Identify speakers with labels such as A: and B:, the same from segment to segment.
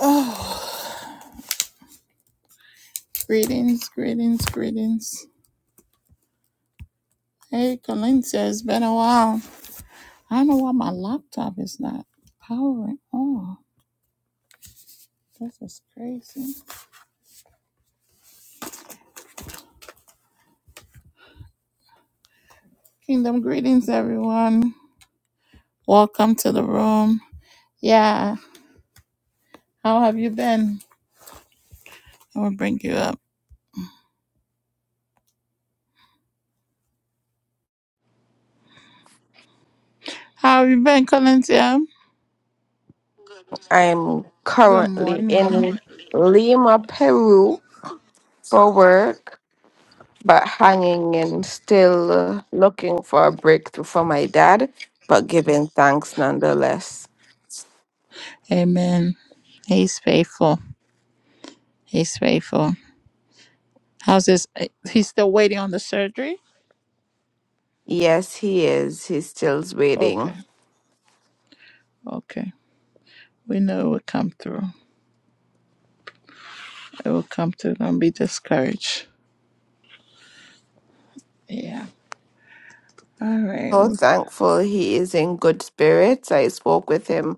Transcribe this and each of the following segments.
A: Oh, greetings, greetings, greetings. Hey, Colintia, it's been a while. I don't know why my laptop is not powering on. This is crazy. Kingdom greetings, everyone. Welcome to the room. Yeah, how have you been? I will bring you up. How have you been, Colintia?
B: I'm
A: Good
B: currently
A: morning.
B: in Lima, Peru for work, but hanging and still uh, looking for a breakthrough for my dad, but giving thanks nonetheless.
A: Amen. He's faithful. He's faithful. How's this? eh, He's still waiting on the surgery?
B: Yes, he is. He's still
A: Okay,
B: waiting.
A: okay. We know it will come through. I will come to not be discouraged. Yeah. All right.
B: So thankful he is in good spirits. I spoke with him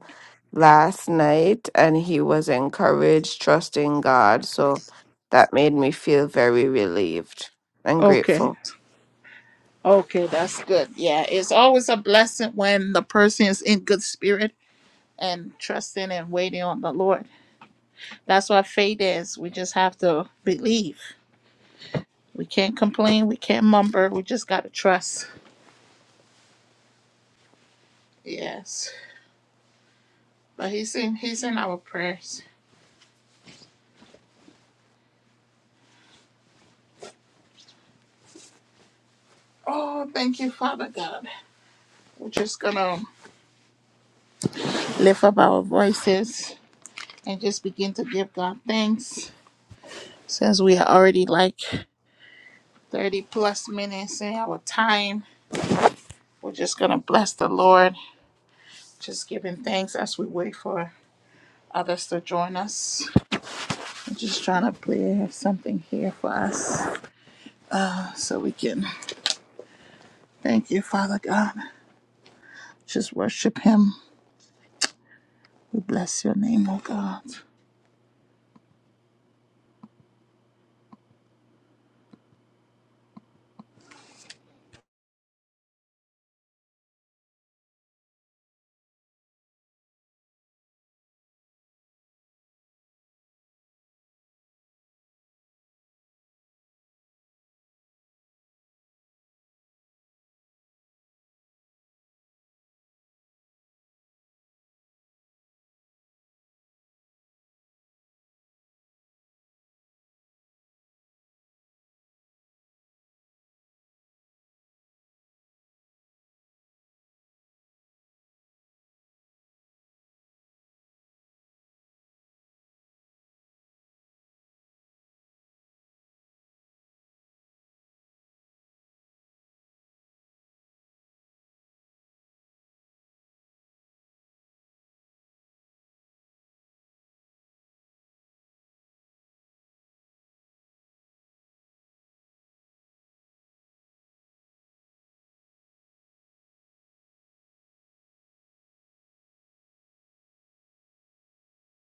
B: last night and he was encouraged, trusting God. So that made me feel very relieved and
A: Okay.
B: grateful.
A: Okay, that's good. Yeah, it's always a blessing when the person is in good spirit and trusting and waiting on the Lord. That's what faith is. We just have to believe. We can't complain. We can't mumber. We just gotta trust. Yes. But he's in he's in our prayers. Oh, thank you, Father God. We're just gonna lift up our voices and just begin to give God thanks Since we are already like 30 plus minutes in our time, we're just going to bless the Lord, just giving thanks as we wait for others to join us. I'm just trying to play, something here for us so we can thank you, Father God. Just worship Him. We bless your name, oh God.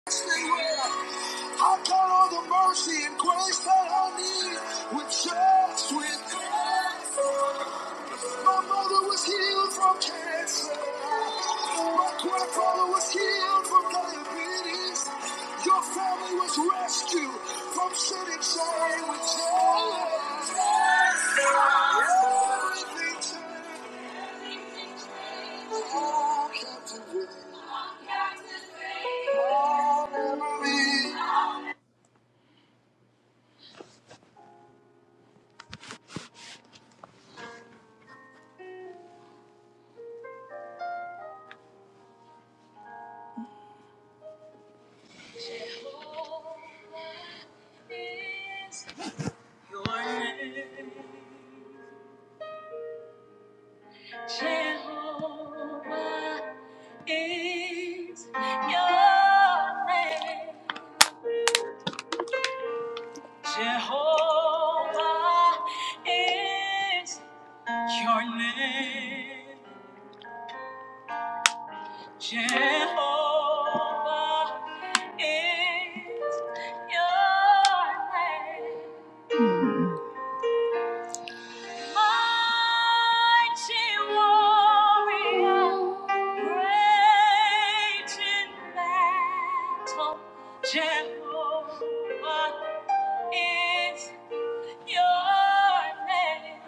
A: I count on the mercy and grace that I need with just with grace. My mother was healed from cancer. My grandfather was healed from diabetes. Your family was rescued from sin and shame with joy. Everything turned around, Captain Wayne. All memories. Jehovah is your name. Jehovah is your name. Jehovah is your name. Mighty warrior, great in battle, Jehovah is your name.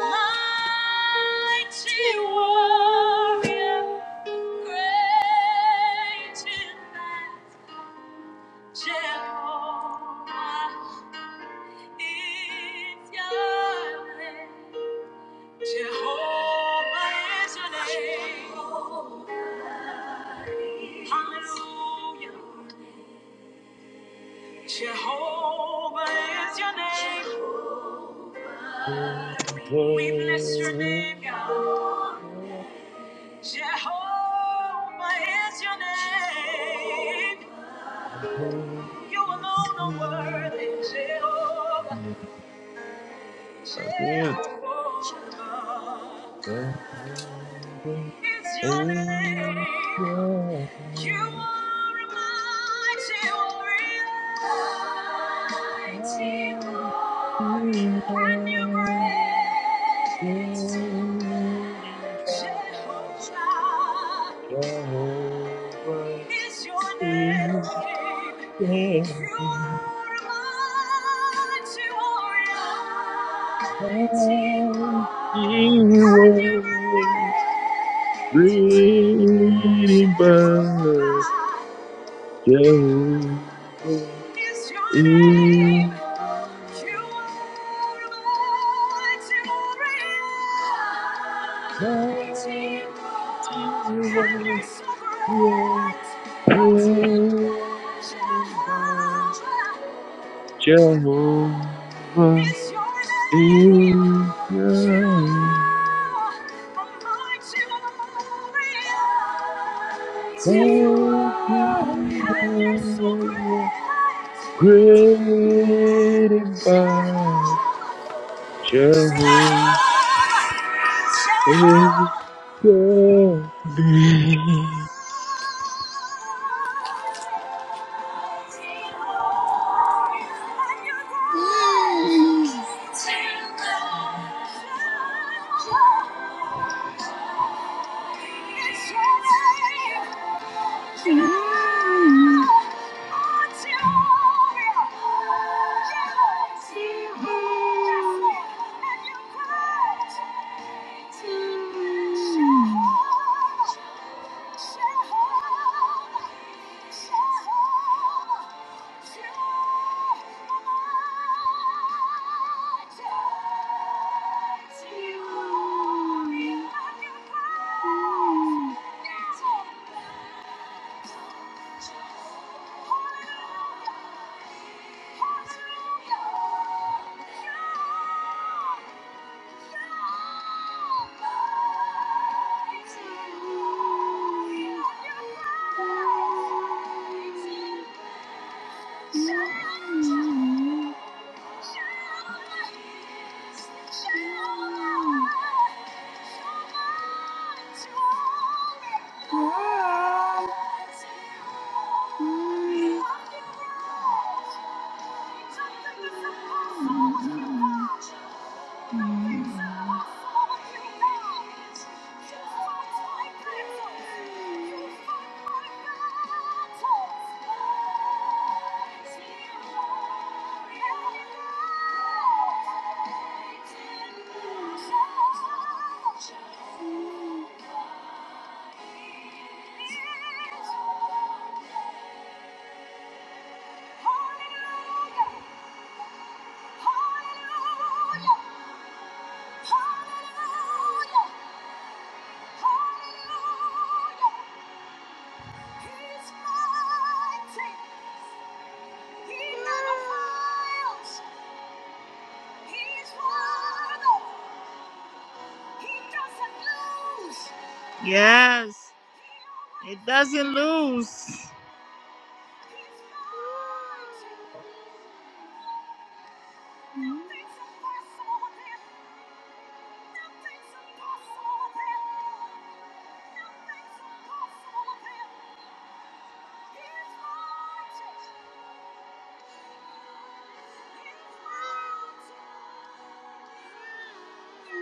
A: Mighty warrior, great in battle, Jehovah is your name. Jehovah is your name. Hallelujah. Jehovah is your name.
C: That's
A: We bless your name, God. Jehovah is your name. You alone are
C: it.
A: worthy, Jehovah. Jehovah is your name. You are a warrior. Mighty warrior. And you great. Jehovah
C: Jehovah
A: is your name.
C: is
A: You are a warrior. Mighty warrior. And you great.
C: Leaning back,
A: Jehovah
C: Jehovah
A: is your name.
C: is your
A: You are mighty,
C: mighty
A: and
C: one.
A: you're sovereign.
C: Yeah, leaning back,
A: Jehovah
C: Jehovah
A: is your name. You are a mighty
C: is your
A: warrior. Mighty
C: mighty
A: And you're so
C: one.
A: great.
C: Great and by
A: Jehovah. Jehovah.
C: Jehovah. is Thank
A: Jehovah. Mm. Mm. Thank you. Hallelujah. Mm. Hallelujah! Hallelujah! Yes, it doesn't lose. Mhm.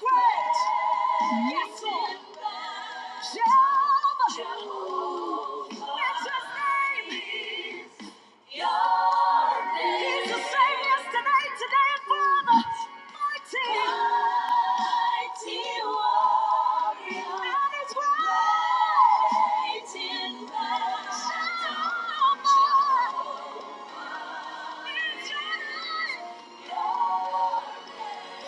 A: Great! Yes, Lord! Jehovah! Jehovah! That's his name! He's the same yesterday, today, and forever. Mighty. Mighty warrior. And his Great in battle. Jehovah. Is your name.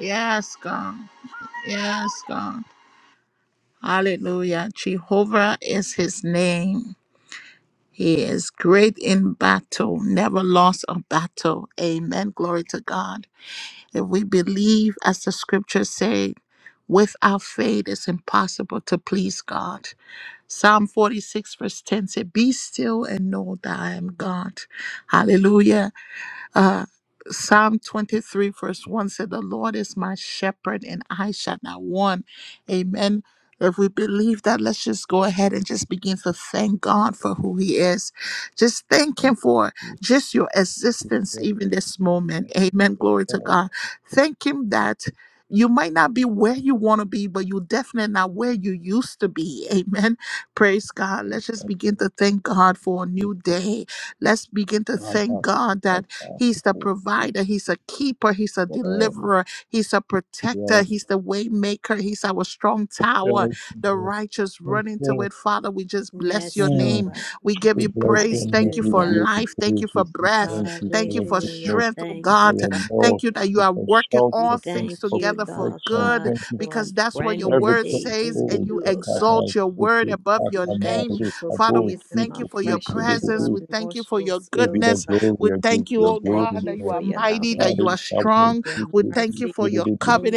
A: Yes, God. Yes, God. Hallelujah. Jehovah is his name. He is great in battle, never lost a battle. Amen. Glory to God. If we believe, as the scriptures say, without faith it's impossible to please God. Psalm 46, verse 10 said, Be still and know that I am God. Hallelujah. Uh, Psalm 23, verse 1 said, The Lord is my shepherd and I shall not want. Amen. If we believe that, let's just go ahead and just begin to thank God for who He is. Just thank
C: you,
A: Him for
C: Jesus.
A: just your
C: Thank you for
A: existence,
C: your prayer.
A: even this moment.
C: Thank you
A: Amen.
C: for your
A: Glory to
C: love.
A: God. Thank Him that you might not be where you want to be, but you're definitely not where you used to be. Amen. Praise God.
C: So
A: Let's just
C: bless
A: begin
C: me,
A: to thank God for a new
C: Jesus.
A: day. Let's begin to
C: My
A: thank
C: God,
A: God
C: my
A: that.
C: God,
A: He's the
C: for
A: provider.
C: speaking
A: He's a keeper. He's a
C: for all of
A: deliverer. He's a protector.
C: your
A: He's the way maker. He's our strong tower. The
C: prayers.
A: righteous
C: Thank
A: run into
C: you.
A: it. Father, we just bless your
D: Yes,
C: Mm.
A: name.
D: Lord.
A: We give
C: We
A: you
C: bless your
A: praise.
C: name.
A: Thank you
C: We
A: for
D: Hallelujah.
C: give you
A: life. Thank
C: praise.
A: you
C: We
A: for
C: say
A: breath.
C: Thank you for
A: Thank you
C: your
A: for
D: Hallelujah.
C: goodness.
A: strength, oh
C: Thank
D: Thank
C: you for
A: God.
D: you,
C: your
D: Father
C: love.
A: Thank you
C: Thank
D: God.
A: that you
C: you
A: are
C: for
A: working
D: We
A: all
C: shelter. Thank
A: things
C: you
D: thank
C: for
D: you,
A: together for
D: Lord
C: protection.
A: good
D: God,
C: Thank you
D: for a
A: because that's what
D: brand
A: your
C: for
D: new
A: word
C: everything.
D: day
A: says,
D: in
A: and
C: Oh,
A: you
D: you, oh God.
C: Akaba,
A: exalt your word
C: Siki,
A: above your
D: We
A: name.
D: thank you
C: Akamari,
D: for
A: Father,
C: Abo,
A: we
D: breathing
A: thank you
C: Siki,
A: for your
D: afresh into
A: presence.
D: our
C: Siki,
A: We thank you for your
D: nostrils,
C: Give you
D: oh
A: goodness.
C: the
D: God.
C: glory,
A: We
C: I give you
A: thank you,
C: the
D: We
A: oh
D: thank
C: glory.
A: God, that
D: you
A: you
C: Lord.
D: for
A: are
D: your
A: mighty,
D: loving
C: Hare
A: that you are
C: Krishna,
D: kindness,
A: strong.
D: your
A: We
C: Krishna
A: thank you
D: mercy,
A: for your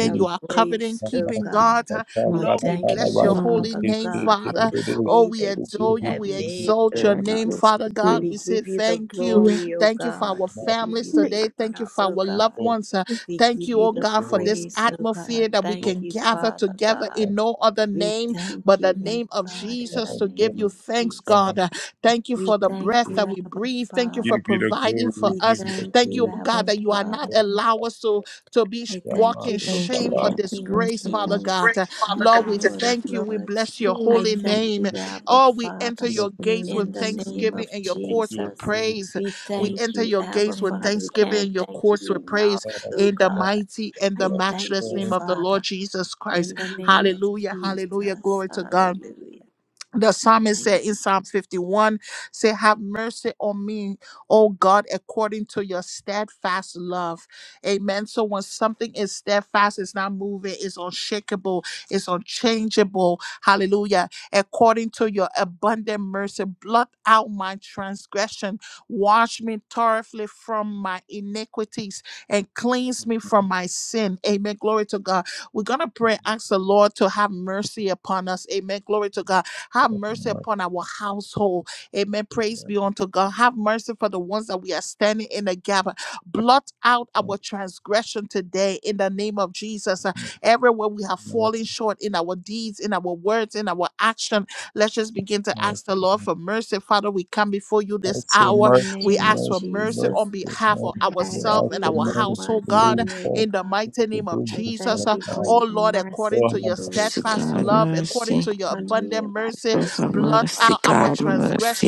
C: Krishna, Hare
D: your
C: Hare,
A: You are
D: grace,
A: covenant
D: oh
C: Rama
A: keeping God.
D: God.
C: Sita,
A: huh?
D: We
B: Lord,
A: Lord,
C: Kana
A: we
B: thank
D: thank
C: Kana
D: you,
A: bless your
B: you.
C: Vasi,
A: holy
D: Father
C: Ke
A: name,
C: Ke
D: God,
C: Ke
D: for
A: Father.
D: this
A: Oh,
D: day
A: we
D: that
C: Ke
D: you
A: adore you.
D: have
A: We
C: Ke Ke.
D: made,
A: exalt
D: oh
B: where
A: your
B: I
D: God.
A: name,
B: used
A: Father
B: to be.
A: God.
D: We
A: We say
D: give you the
A: thank
C: We
A: you.
B: Yeah.
D: glory, O
A: Thank you for
D: God.
A: our
C: give
D: We
C: you the glory,
D: give
A: families
D: you
B: Thank
D: the
A: today. Thank you
D: honor,
A: for our
D: O
C: we give you the
A: loved
D: God.
C: honor,
A: ones. Uh,
D: We
A: Thank
D: give
A: you,
D: you
A: oh
D: the
A: God, for
C: because Lord,
A: this
D: praise, O God.
A: atmosphere that we
D: Thank
C: Lord,
A: can
D: you,
A: gather
D: Father
A: together
D: God.
C: our
A: in no other
D: We
A: name
D: thank
A: but the
D: you,
A: name
D: Lord
A: of
D: God, in the
A: Jesus
C: God,
A: to give
D: name
A: you
C: Lord,
D: of
A: thanks,
D: Jesus.
C: come
A: God.
C: and
A: Uh, Thank you
D: We
A: for the
D: thank
C: see
A: breath
C: us.
D: you,
A: that we
D: Abba
A: breathe. Thank you for
C: Give
D: Father.
C: you the
A: providing
C: glory, we
A: for
D: We
C: give
A: us.
C: you the
D: thank
A: Thank
D: you,
A: you,
C: glory.
A: oh
B: you,
D: Abba
A: God, that
B: God.
A: you are not
C: Lord,
D: Father.
B: Thank
A: allow us to, to be sh-
D: I thank
C: Rama
A: walking
D: you for
C: Sita,
B: you,
A: shame
D: being
A: or
D: the
B: God.
C: Vasi,
D: King of
B: Thank
A: disgrace,
B: you,
A: Father
B: God.
D: Kings
A: God. Uh,
D: and the
A: Lord, we
D: Lord of
A: thank you. We
D: Lords.
A: bless your
D: I
A: holy
B: Everyone
C: Ke
D: thank
A: name.
D: you,
C: Ke
D: Abba
A: Oh, we
D: Father.
A: enter
C: Ke Ke
A: your
C: Ke.
A: gates with
D: in the
B: experience something.
D: name
A: thanksgiving
D: of
A: and
C: We
A: your
C: give
A: courts
C: you the
A: with
D: Jesus.
C: glory.
A: praise.
D: We
A: We
C: Thank
D: thank
A: enter
D: you,
A: your
D: Abba
A: gates with
C: you,
D: Father. We
A: thanksgiving
D: can't
A: and your
D: thank you
A: courts with praise
D: enough,
C: Father,
D: oh
A: in the
D: God.
A: mighty and the
D: I thank
A: matchless
D: you,
A: name of
C: for
A: the Lord
D: Father,
A: Jesus Christ.
D: in the name of
A: Hallelujah. Hallelujah.
D: Jesus.
A: Glory to God
D: Hallelujah.
A: the psalmist
D: Thank
A: said in
D: you.
A: Psalm
D: Jesus.
A: 51, say, Have mercy on me, O God, according to your steadfast love. Amen. So when something is steadfast, it's not moving, it's unshakable, it's unchangeable. Hallelujah. According to your abundant mercy, blot out my transgression, wash me thoroughly from my iniquities, and cleanse me from my sin. Amen. Glory to God. We're going to pray, ask the Lord to have mercy upon us. Amen. Glory to God have mercy upon our household. Amen. Praise be unto God. Have mercy for the ones that we are standing in the gap. Blot out
C: the
A: our transgression today in the name of Jesus. Uh, Everywhere we have
C: Lord,
A: fallen short in our deeds, in our words, in our action, let's just begin to
C: mercy,
A: ask the Lord for mercy. Father, we come before you this
D: In
A: hour.
D: the
C: mercy,
A: We
D: name
A: ask
D: of
C: mercy,
A: for mercy
C: mercy,
D: Jesus,
A: on
C: mercy,
A: behalf of
C: mercy.
D: I
C: We
D: ask
A: ourselves
C: ask
A: and
D: you
C: for
A: our
D: for
C: mercy.
A: household, God,
C: We
D: mercy, oh
C: beg
A: in the
D: God.
A: mighty
C: to
A: name of
C: do
D: I
C: this for
A: Jesus.
D: thank
A: Uh,
D: you for
C: us.
D: your
A: Oh Lord,
D: mercy,
A: according
C: Oh, have
A: to your
D: oh
B: Mercy,
C: mercy,
A: steadfast
D: God,
B: God,
C: mercy.
A: love, according
B: mercy.
A: to your
D: on me
A: abundant
D: and my
A: mercy,
B: Pray for
D: household,
A: blot
D: Father.
B: mercy,
A: out our
B: God,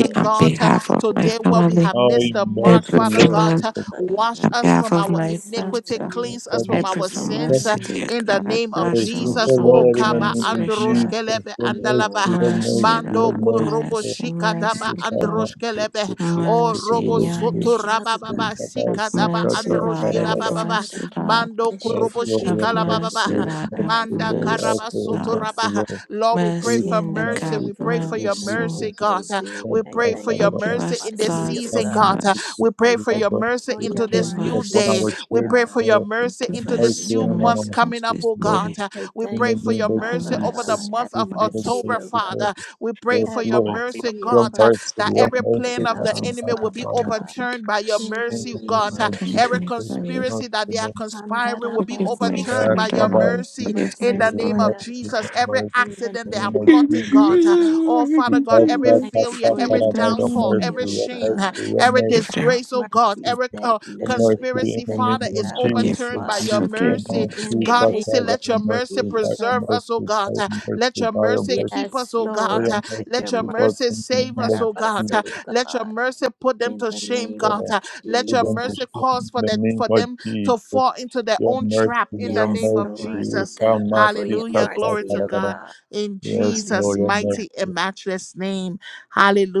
D: I
B: on
A: God.
D: ask your
A: Uh,
B: behalf of my
A: Today,
D: forgiveness,
A: where we
D: oh
B: family.
A: have
C: Oh,
D: God,
A: missed the
D: in the
B: I
A: mark,
C: mercy,
B: pray
A: Father
B: for
C: Lord.
A: God,
B: mercy
C: We
D: name
A: uh,
D: of Jesus.
C: thank you
B: God,
A: wash
B: on
A: us
B: behalf
A: from
D: For
B: of
A: our
D: any
B: my
D: sins
A: iniquity,
D: I
B: father.
D: may
A: cleanse
D: have
C: so
A: us
C: much.
B: I
A: from
B: pray
D: committed
A: our
B: for
A: sins
C: Thank
D: knowingly or
A: uh,
B: mercy,
C: you,
B: dear
A: in
D: unknowingly,
A: the
B: God.
A: name of
C: Lord.
B: Bless
C: We say,
B: all
D: consciously
A: Jesus.
D: or
A: Oh,
B: our
C: Lord, in the
A: Kaba
C: name
D: unconsciously,
C: of
D: O
B: transgression.
D: God,
C: Jesus,
A: Androshkeleve
C: your
D: any
C: mercy,
D: thought,
A: Andalava
C: your
D: word,
C: mercy,
B: Mercy,
D: or
C: your
A: Mando
B: Lord.
D: deed,
C: mercy,
A: Korobo
C: your
B: Mercy,
D: I
B: mercy,
A: Shikadaba
C: mercy,
D: ask
C: your
B: Lord.
D: your
C: mercy, your mercy, your
A: Androshkeleve.
C: mercy.
A: Oh,
C: We thank
B: Mercy
A: Robo
B: in
C: you,
B: your
D: forgiveness,
A: Soto
B: name.
D: Father
A: Rababa
D: God.
C: we
B: Have
C: thank you,
A: Sikadaba
C: Father,
B: mercy, Lord.
D: Thank
B: Have
D: you,
C: Father.
A: Androshkilababa.
D: Father.
B: mercy, Lord.
A: Mando
D: As you
C: Yes,
A: Korobo
C: Lord,
D: forgive
C: your
B: Have
D: me, I
C: mercy,
B: mercy,
A: Shikalababa.
D: forgive
C: your
B: Lord.
D: myself,
C: mercy,
B: Have
D: I
C: Lord.
A: Manda
D: forgive
C: We
B: mercy,
C: ask
D: others,
C: for your
B: Lord.
D: God.
C: mercy,
A: karabasuturabaha.
C: Lord.
A: Lord, we pray
B: Mercy
C: You
D: Forgive
A: for
B: in
D: them,
B: the
C: cannot
A: mercy.
B: gap.
D: Lord,
A: We
C: keep
D: for
A: pray
D: they
A: for
C: the
A: your
D: know not
B: Mercy.
C: beautiful
A: mercy,
D: what they
C: books
A: God. Uh,
D: do.
C: that
A: We
D: And I
C: are
A: pray for
D: thank
A: your
D: you for
B: Forgive
C: forever.
A: mercy
D: your
B: us,
A: in this
C: You
B: Lord.
D: mercy, O
A: season,
B: Forgive
C: cannot
A: God.
D: God.
A: Uh,
C: keep
B: us.
C: the
A: We pray
D: I
A: for
C: beautiful
D: thank
A: your
C: books
D: you
A: mercy
D: for
C: you have
D: your
A: into
C: mercy
A: this
B: Forgive
A: new
C: upon
D: mercy,
A: day.
C: our
B: us.
D: O
A: We
C: children
A: pray for
D: God.
A: your
C: uh,
A: mercy
C: and
B: Forgive
A: into
D: Brand
A: this
D: new
B: us.
C: mercy
A: new
B: Have
C: on
D: day,
A: month
B: Mercy
D: O
B: in
A: coming
C: our
A: up,
B: Jesus'
A: oh
B: name.
C: glory.
A: God. Uh,
D: I
A: We
C: In
A: pray
C: the
D: thank
A: for
D: you,
C: name
A: your
C: of
B: Forgive
A: mercy
D: Father
A: over the
C: Jesus,
B: us.
D: God. Have
A: month
C: we
A: of
B: Forgive
C: pray the
B: us.
D: mercy,
C: mercy
A: October,
D: O
C: of
D: God.
C: the
A: Father. We pray for
D: Have
A: your
C: Lord.
B: Forgive
A: mercy,
D: mercy
C: Your
A: God,
D: upon
A: uh,
C: mercy,
A: that
C: your
D: you
A: every
D: right
A: plan
B: us.
C: mercy,
A: of the
D: now,
C: on
A: enemy
C: our
A: will be
B: Forgive
D: Father
C: God.
D: God.
A: overturned by your
D: In the
C: In
A: mercy,
C: the
D: name
C: name
A: God.
D: of
C: of
A: Every
C: Jesus,
B: 2025.
D: Jesus.
C: mercy,
A: conspiracy that they are
C: Lord.
A: conspiring will be
B: Forgive my
A: overturned
C: Uh,
A: by
B: father,
A: your
D: Andarabasokoshatabasikiyane.
B: mom.
C: Kabasi,
A: mercy
B: Forgive
A: in
B: my
A: the
C: your
A: name
B: father.
C: mercy,
A: of Jesus.
C: your
A: Every
C: mercy,
D: In the
A: accident they
C: in
A: are
C: the
D: name of
C: name of
A: plotting,
C: Jesus.
A: God. uh,
D: Jesus.
A: Oh, Father God,
C: Because
D: We
A: every
C: Lord,
D: thank
C: God,
D: you
A: failure,
C: God, for
D: for
A: every
B: Forgive
C: for
D: your
B: them,
C: about your
A: downfall,
C: mercy,
B: all.
D: mercy,
A: every
D: O
C: your
A: shame,
C: mercy,
A: uh,
D: God.
C: your
A: every
C: mercy,
B: Forgive them,
A: disgrace, oh
C: is
A: God,
D: Mercy
A: every
D: said
A: uh,
C: your
D: no, and
C: mercy
D: I
C: in
A: conspiracy,
C: the
D: thank
A: Father,
C: name
D: you,
A: is
C: of
D: Abba
B: forgiveness
A: overturned
C: Jesus.
A: by your
C: You
D: Father.
C: for
B: for
A: mercy.
D: In
C: mercy,
D: the
A: God,
C: God,
A: we
D: name
A: say,
C: God,
D: of
C: by
A: let
C: your
A: your mercy
C: mercy, by your
D: Jesus,
A: preserve us, oh
C: mercy, by
A: God.
C: your
A: Uh, Let
C: mercy,
A: your
C: by your
A: mercy
C: mercy,
A: keep us,
D: Yes,
A: oh
C: by
A: God.
D: Lord,
A: Uh,
C: your
D: let
C: mercy,
A: Let
D: your
A: your
C: keep us
A: mercy
D: mercy
C: in the
A: save
C: name
A: us,
C: of
D: preserve
A: oh God.
D: us,
C: Jesus.
A: Uh,
D: O
A: Let your
D: God,
A: mercy put them
D: in
A: to
D: the
A: shame,
D: name
A: God.
D: of
C: Lord.
A: Uh, let
C: We
A: your
D: Jesus.
C: don't to
A: mercy
C: shame
A: cause
C: in
A: for
C: the
A: that
C: name
A: for
C: of
A: them to
C: Jesus.
A: fall into their
C: Your
A: own
C: mercy,
A: trap in the
C: your
D: Yes,
A: name
C: mercy,
A: of
D: Lord, we
C: we
A: Jesus.
C: come,
D: thank you for
C: mercy,
D: your
A: Hallelujah.
C: God, God,
A: Glory
D: mercy,
A: to
C: God,
D: O
A: God.
D: God.
A: In
C: Yes,
A: Jesus'
C: Lord, your
D: Hallelujah,
A: mighty and
C: mercy.
A: matchless name.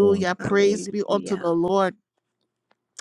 C: Yes.
A: Praise be unto the
D: hallelujah.
A: Lord.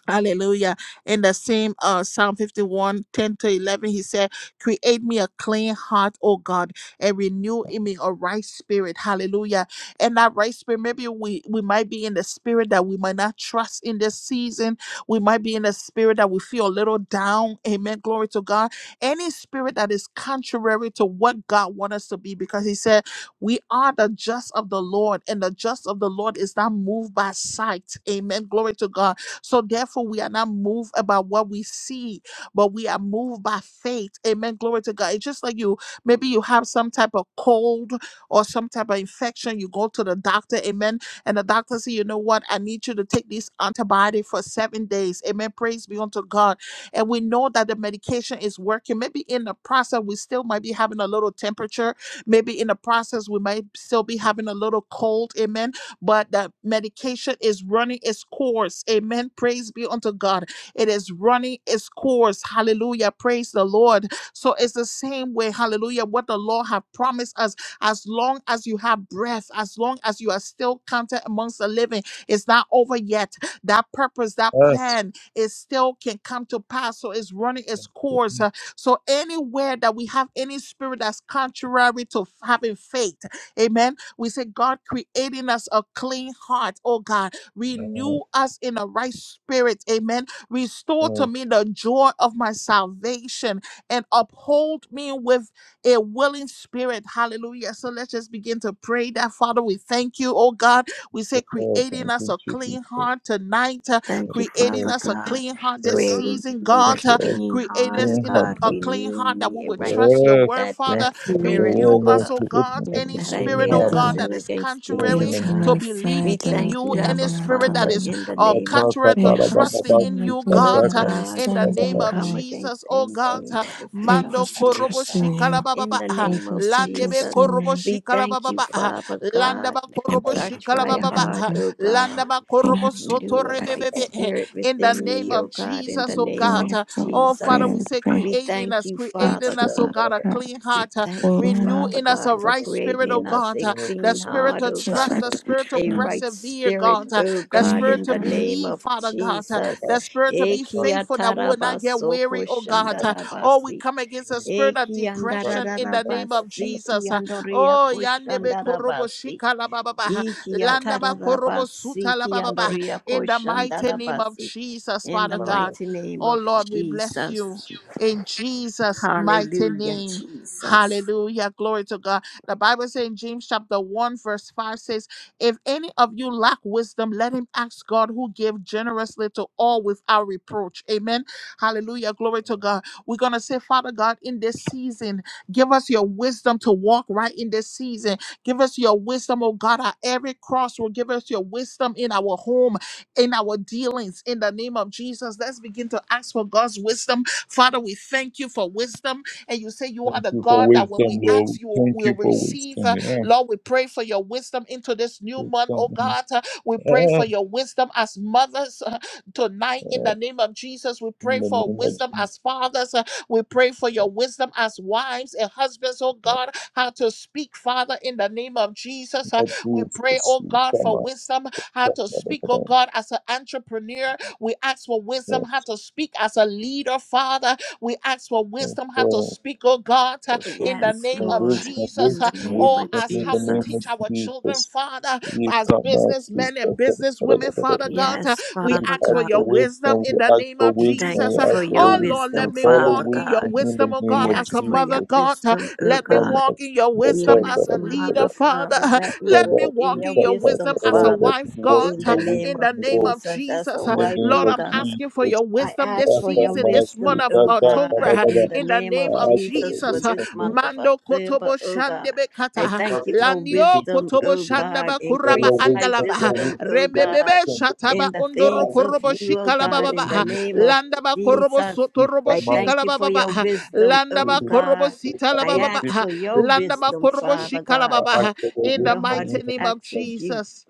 A: Hallelujah. In the same uh, Psalm 51, 10 to 11, he said, Create me a clean heart, O God, and renew in me a right spirit. Hallelujah. And that right spirit, maybe we, we might be in the spirit that we might not trust in this season. We might be in the spirit that we feel a little down. Amen. Glory to God. Any spirit that is contrary to what God wants us to be, because he said, We are the just of the Lord, and the just of the Lord is not moved by sight. Amen. Glory to God so therefore, we are not moved about what we see, but we are moved by faith. Amen. Glory to God. It's just like you, maybe you have some type of cold or some type of infection. You go to the doctor, amen. And the doctor says, you know what? I need you to take this antibiotic for seven days. Amen. Praise be unto God. And we know that the medication is working. Maybe in the process, we still might be having a little temperature. Maybe in the process, we might still be having a little cold. Amen but that medication is running its course. Amen. Praise be unto God. It is running its course. Hallelujah. Praise the Lord. So it's the same way. Hallelujah. What the Lord have promised us, as long as you have breath, as long as you are still counted amongst the living, it's not over yet. That purpose, that
C: Yes.
A: plan, it still can come to pass. So it's running its course. Uh,
C: Yes.
A: So anywhere that we have any spirit that's contrary to f- having faith, Amen. We say, God, creating us a clean heart, oh God, renew us in a right spirit, amen. Restore
C: Yes.
A: to me the joy of my salvation and uphold me with a willing spirit, hallelujah. So let's just begin to pray that, Father, we thank you, oh God. We
C: you,
A: say,
C: Lord.
A: creating
C: Thank
A: us
C: you,
A: a
C: Jesus.
A: clean
C: Thank
A: heart tonight, uh,
D: Thank you,
C: you,
A: creating
C: Lord.
D: Father
A: us
C: Thank
A: a
D: God,
A: clean heart
C: you,
A: this
C: Lord.
D: creating
A: season,
D: me a
C: Thank
A: God,
C: you,
A: uh,
C: Lord.
D: clean
A: create
D: heart,
A: us
D: O
C: Clean
A: in a,
C: heart,
D: God,
A: a clean heart that
D: renewing
A: we
D: me a
A: would
D: right and
A: trust your
C: Lord. Yes.
A: word, Father
C: Thank
D: steadfast
B: creating
C: you,
D: spirit,
A: Renew
C: Lord.
D: O
C: Lord.
A: us,
D: God,
A: oh
C: Create
A: God,
C: me as
A: any
C: a
D: that
B: her
D: I
C: clean
A: spirit,
D: may
A: oh
C: heart
D: not
C: with
A: God,
B: without
C: you,
A: that
D: sin
A: is
D: against
C: Lord,
D: thee,
C: in
A: contrary
D: O
C: the
B: creating
C: name
A: to
B: my
D: God.
C: of
D: We
A: believing
C: Jesus.
A: in
B: father,
D: thank
A: you,
D: you,
B: being
A: any
D: Abba
B: her
A: spirit that
D: Father,
A: is
B: daughter.
D: in the
A: uh,
D: name of
C: Kata,
A: contrary
C: kata,
B: My
A: to
C: da, da, da,
D: Jesus.
A: trusting
C: da,
A: in
B: husband, and
C: si,
A: you,
C: kata,
B: being
D: Oh
A: God,
B: her,
A: uh,
C: kata,
B: my
D: God,
A: in the
C: da, da,
B: son,
D: we
A: name
B: dear
C: da,
A: of
D: come
B: God.
A: Jesus,
D: against
A: oh
C: da,
A: God.
C: si,
D: anything
A: uh,
D: that is not of
B: Help
A: Mando
B: us to
D: you,
C: kata,
D: oh
A: korobo
B: trust in
D: God.
A: shikala
B: you.
A: baba
D: In
A: ba,
D: the
A: ah,
D: name
B: Help us
D: of
B: to
A: landebe
B: trust in
D: Jesus,
A: korobo
B: you.
D: we
A: shikala
D: thank
A: baba
D: you,
A: ba, ah,
D: Father God.
A: landaba
B: My
A: korobo
C: kata,
B: brother,
D: Touch
C: kata,
A: shikala
D: my
C: kata,
A: baba
B: being
A: ba,
B: her,
D: heart,
A: ah,
B: dear-
D: oh God.
A: landaba
B: being her,
A: korobo
B: dear
A: soto
D: Renew a
B: Lord, I
D: right
B: pray.
A: rebebebe.
C: kata.
A: eh,
D: spirit
A: In the
D: within
C: We
A: name
D: me,
C: give
D: oh
A: of
D: God, in
A: Jesus,
D: the
A: oh
D: name
A: God,
D: of
B: Pray,
A: uh,
B: pray,
A: oh
C: thanks
A: Father,
D: Jesus.
A: we
B: pray,
A: say,
B: pray.
D: We
C: to you,
A: creating
D: thank
A: us,
D: you,
B: I
D: Father
A: creating us,
C: Lord,
A: oh
D: God.
B: clean
C: kata,
A: God, a
C: kata.
B: her,
C: We
A: clean
C: give
D: We
A: heart, uh,
D: thank you,
B: clean
C: this
A: Renew
B: her.
D: Father
A: in us
C: to
D: God,
A: a
C: you,
D: for
A: right
D: creating
A: spirit, oh
C: Lord.
D: in us
A: God,
D: a
A: uh,
C: Yes,
A: the
D: clean
C: yes,
A: spirit
D: heart,
A: to
D: O
B: Since
A: trust,
B: I
D: God,
A: the
C: yes,
B: don't
A: spirit to
B: dear
D: a
C: yes.
B: Lord,
D: right
A: persevere,
D: spirit,
A: God, uh,
D: O
A: the
D: God,
B: clean
A: spirit
D: in
A: to
D: the
B: her.
D: name
A: believe,
D: of
A: Father God, uh,
C: Yes,
D: Jesus.
C: kata,
A: the spirit to be
C: kata,
A: faithful that will not get
D: Ekiatarabasoko
A: weary, oh God. uh,
C: kata,
A: Oh, we
D: shandarabasi.
A: come against
C: kata.
A: the spirit of
C: Right.
A: depression in the
C: Right.
A: name
C: Right.
A: of
D: Ekiandarararabasi,
C: Right.
A: Jesus. uh, Oh,
D: kiandoriako
A: yandebe korobo
D: shandarabasi.
A: shika la ba ba ba, uh, landaba korobo suta
D: Ikiatararabasi,
A: la ba ba ba, uh, in
D: kiandoriako
A: the mighty name of
D: shandarabasi.
A: Jesus,
D: In
A: Father
D: the
C: Right.
A: God.
C: Right.
D: mighty name
A: Oh
D: of
A: Lord, we bless you
D: Jesus.
A: in
C: Thank you
A: Jesus' mighty
D: Hallelujah,
A: name.
D: Jesus.
A: Hallelujah. Glory to God. The Bible says in James chapter 1, verse 5 says, If any of you lack wisdom, let him ask God who gave generously to all without reproach. Amen. Hallelujah. Glory to God. We're going to say, Father God, in this season, give us your wisdom to walk right in this season. Give us your wisdom, oh God, at every cross will give us your wisdom in our home, in our dealings, in the name of Jesus. Let's begin to ask for God's wisdom. Father, we thank you for wisdom. And you say you are
C: Thank
A: the
C: you for
A: God that when we
C: wisdom, Lord.
A: ask you will
C: Thank you for
A: receive.
C: wisdom.
A: Uh,
C: Yeah,
A: Lord, we pray for your wisdom into this new month, oh
C: wisdom.
A: God. Uh, We pray
C: Yeah.
A: for your wisdom as mothers uh, tonight in
C: Uh,
A: the name of Jesus. We
C: In
A: pray
C: the
A: for
C: name of
A: wisdom
C: Jesus.
A: as fathers. uh, We pray for your wisdom as wives and husbands, oh
C: Not
A: God, how to speak, Father, in the name of Jesus. Uh, We pray,
C: Jesus.
A: oh
C: You
A: God,
C: Come
A: for
C: on.
A: wisdom, how
C: Yes.
A: to speak, oh God, as an entrepreneur. We ask for wisdom, how to speak as a leader, Father we ask for
C: Yes.
A: wisdom how to
C: Lord.
A: speak, oh God, uh,
C: That's what
A: in
C: we
A: the
C: say.
D: Yes,
A: name of
D: Lord,
C: Wisdom,
A: Jesus,
D: in
C: wisdom,
A: uh,
D: the name
C: wisdom
A: or
D: of
C: in
A: as how
C: the
A: we
D: Jesus.
C: name of
A: teach our children,
C: Jesus.
A: Father,
C: You
A: as
C: come
A: businessmen and businesswomen,
C: out.
A: Father God. uh,
D: Yes,
C: We
A: We
D: Father
A: ask
C: ask
A: for
D: God.
C: for
A: your wisdom
C: wisdom. We
A: in the
C: ask
A: name
C: for
A: of
D: We
C: wisdom.
D: thank
C: We
A: Jesus.
D: you
A: uh,
D: for
C: ask for
D: your
A: Oh
C: your
A: Lord, let
D: wisdom,
C: wisdom.
A: me
C: Follow
A: walk
D: Father
A: in your
C: wisdom
D: God.
C: in
A: wisdom,
C: the
A: oh
D: I
C: name
A: God,
C: of
A: as a
D: ask for
A: mother,
D: your
C: Jesus.
A: God. uh,
D: wisdom, O
A: let me
C: Come
D: God.
A: walk
C: as
A: in your
C: you
A: wisdom
D: Even
C: talk
A: as
D: if
A: a
C: about
A: leader,
D: Mother,
C: it.
D: Father,
A: Father.
D: let me
C: Come
A: Let me
C: as
D: walk in
C: you
A: walk
D: your
A: in
C: talk
A: your
C: about
D: wisdom,
A: wisdom as a
C: it.
D: Father.
A: wife,
C: We walk
A: God,
D: In
C: in
D: the
C: your
D: name
A: in
D: of
A: the
C: wisdom,
A: name
C: Lord,
A: of
D: Jesus, as a
A: Jesus.
C: in the
D: wife,
C: name
A: Lord,
D: O
C: of
A: I'm
D: God.
A: asking for
C: Jesus.
A: your
D: I
A: wisdom this
D: ask for your
C: Come
A: season, this
C: as you
A: month
D: wisdom,
A: of
D: O
C: talk
D: God,
C: about
A: October,
D: in
C: it.
D: the
A: in the
D: name
C: I
D: of
A: name of
C: ask for your
D: Jesus for
A: Jesus.
D: this
C: wisdom, Lord.
D: month of
A: Mando
D: October,
A: Kotobo
D: O
A: Shande
D: God. I
C: We
A: bekata
D: thank
C: ask
D: you
C: you
D: for
C: to
A: landio
C: teach
D: wisdom,
C: us
A: kotobo
D: O God.
A: shandaba kuraba
C: your
D: Increase my
C: wisdom,
A: andalava
C: your
D: wisdom,
C: wisdom,
D: O
C: your
D: God,
A: rembebebe
C: wisdom, your wisdom.
A: shataba
D: in the
C: I
A: ondoro
D: things
C: ask
D: of
C: for
A: korobo
C: your
D: you, O
A: shikala
C: wisdom,
D: God,
C: Lord,
D: in
C: in
D: the
C: the
A: baba
C: name
D: name of
C: of
A: landaba korobo
D: Jesus.
C: Jesus.
A: sotorobo
D: I
C: If I
D: thank
A: shikala
D: you for
A: baba
D: your wisdom,
C: the
D: O
A: landaba
C: the-
A: korobo
D: God.
C: the
A: sitala
D: I
A: baba
C: childhood
D: ask for your
C: victims
A: landaba
D: wisdom,
A: korobo
D: Father
A: shikala
D: God,
C: are
A: baba
C: actually
D: to
A: in
C: away
A: the
D: know
C: from
D: how
A: mighty
D: to
A: name of
C: intervention.
D: execute
A: Jesus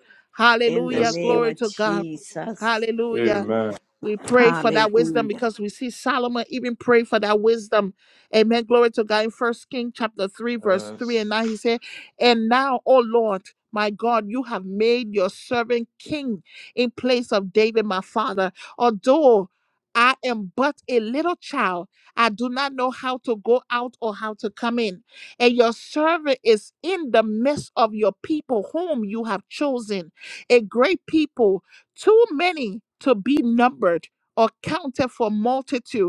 D: in the
A: hallelujah
C: Yes, Lord.
D: name
A: glory
D: of
A: to God
D: Jesus.
A: hallelujah
C: Amen.
A: we pray for that wisdom
D: Hallelujah.
A: because we see Solomon even pray for that wisdom Amen. Glory to God. In First King chapter 3, verse 3 and
C: Yes.
A: 9, he said, And now, O Lord, my God, you have made your servant king in place of David, my father. Although I am but a little child, I do not know how to go out or how to come in. And your servant is in the midst of your people, whom you have chosen, a great people, too many to be numbered or counted for multitude.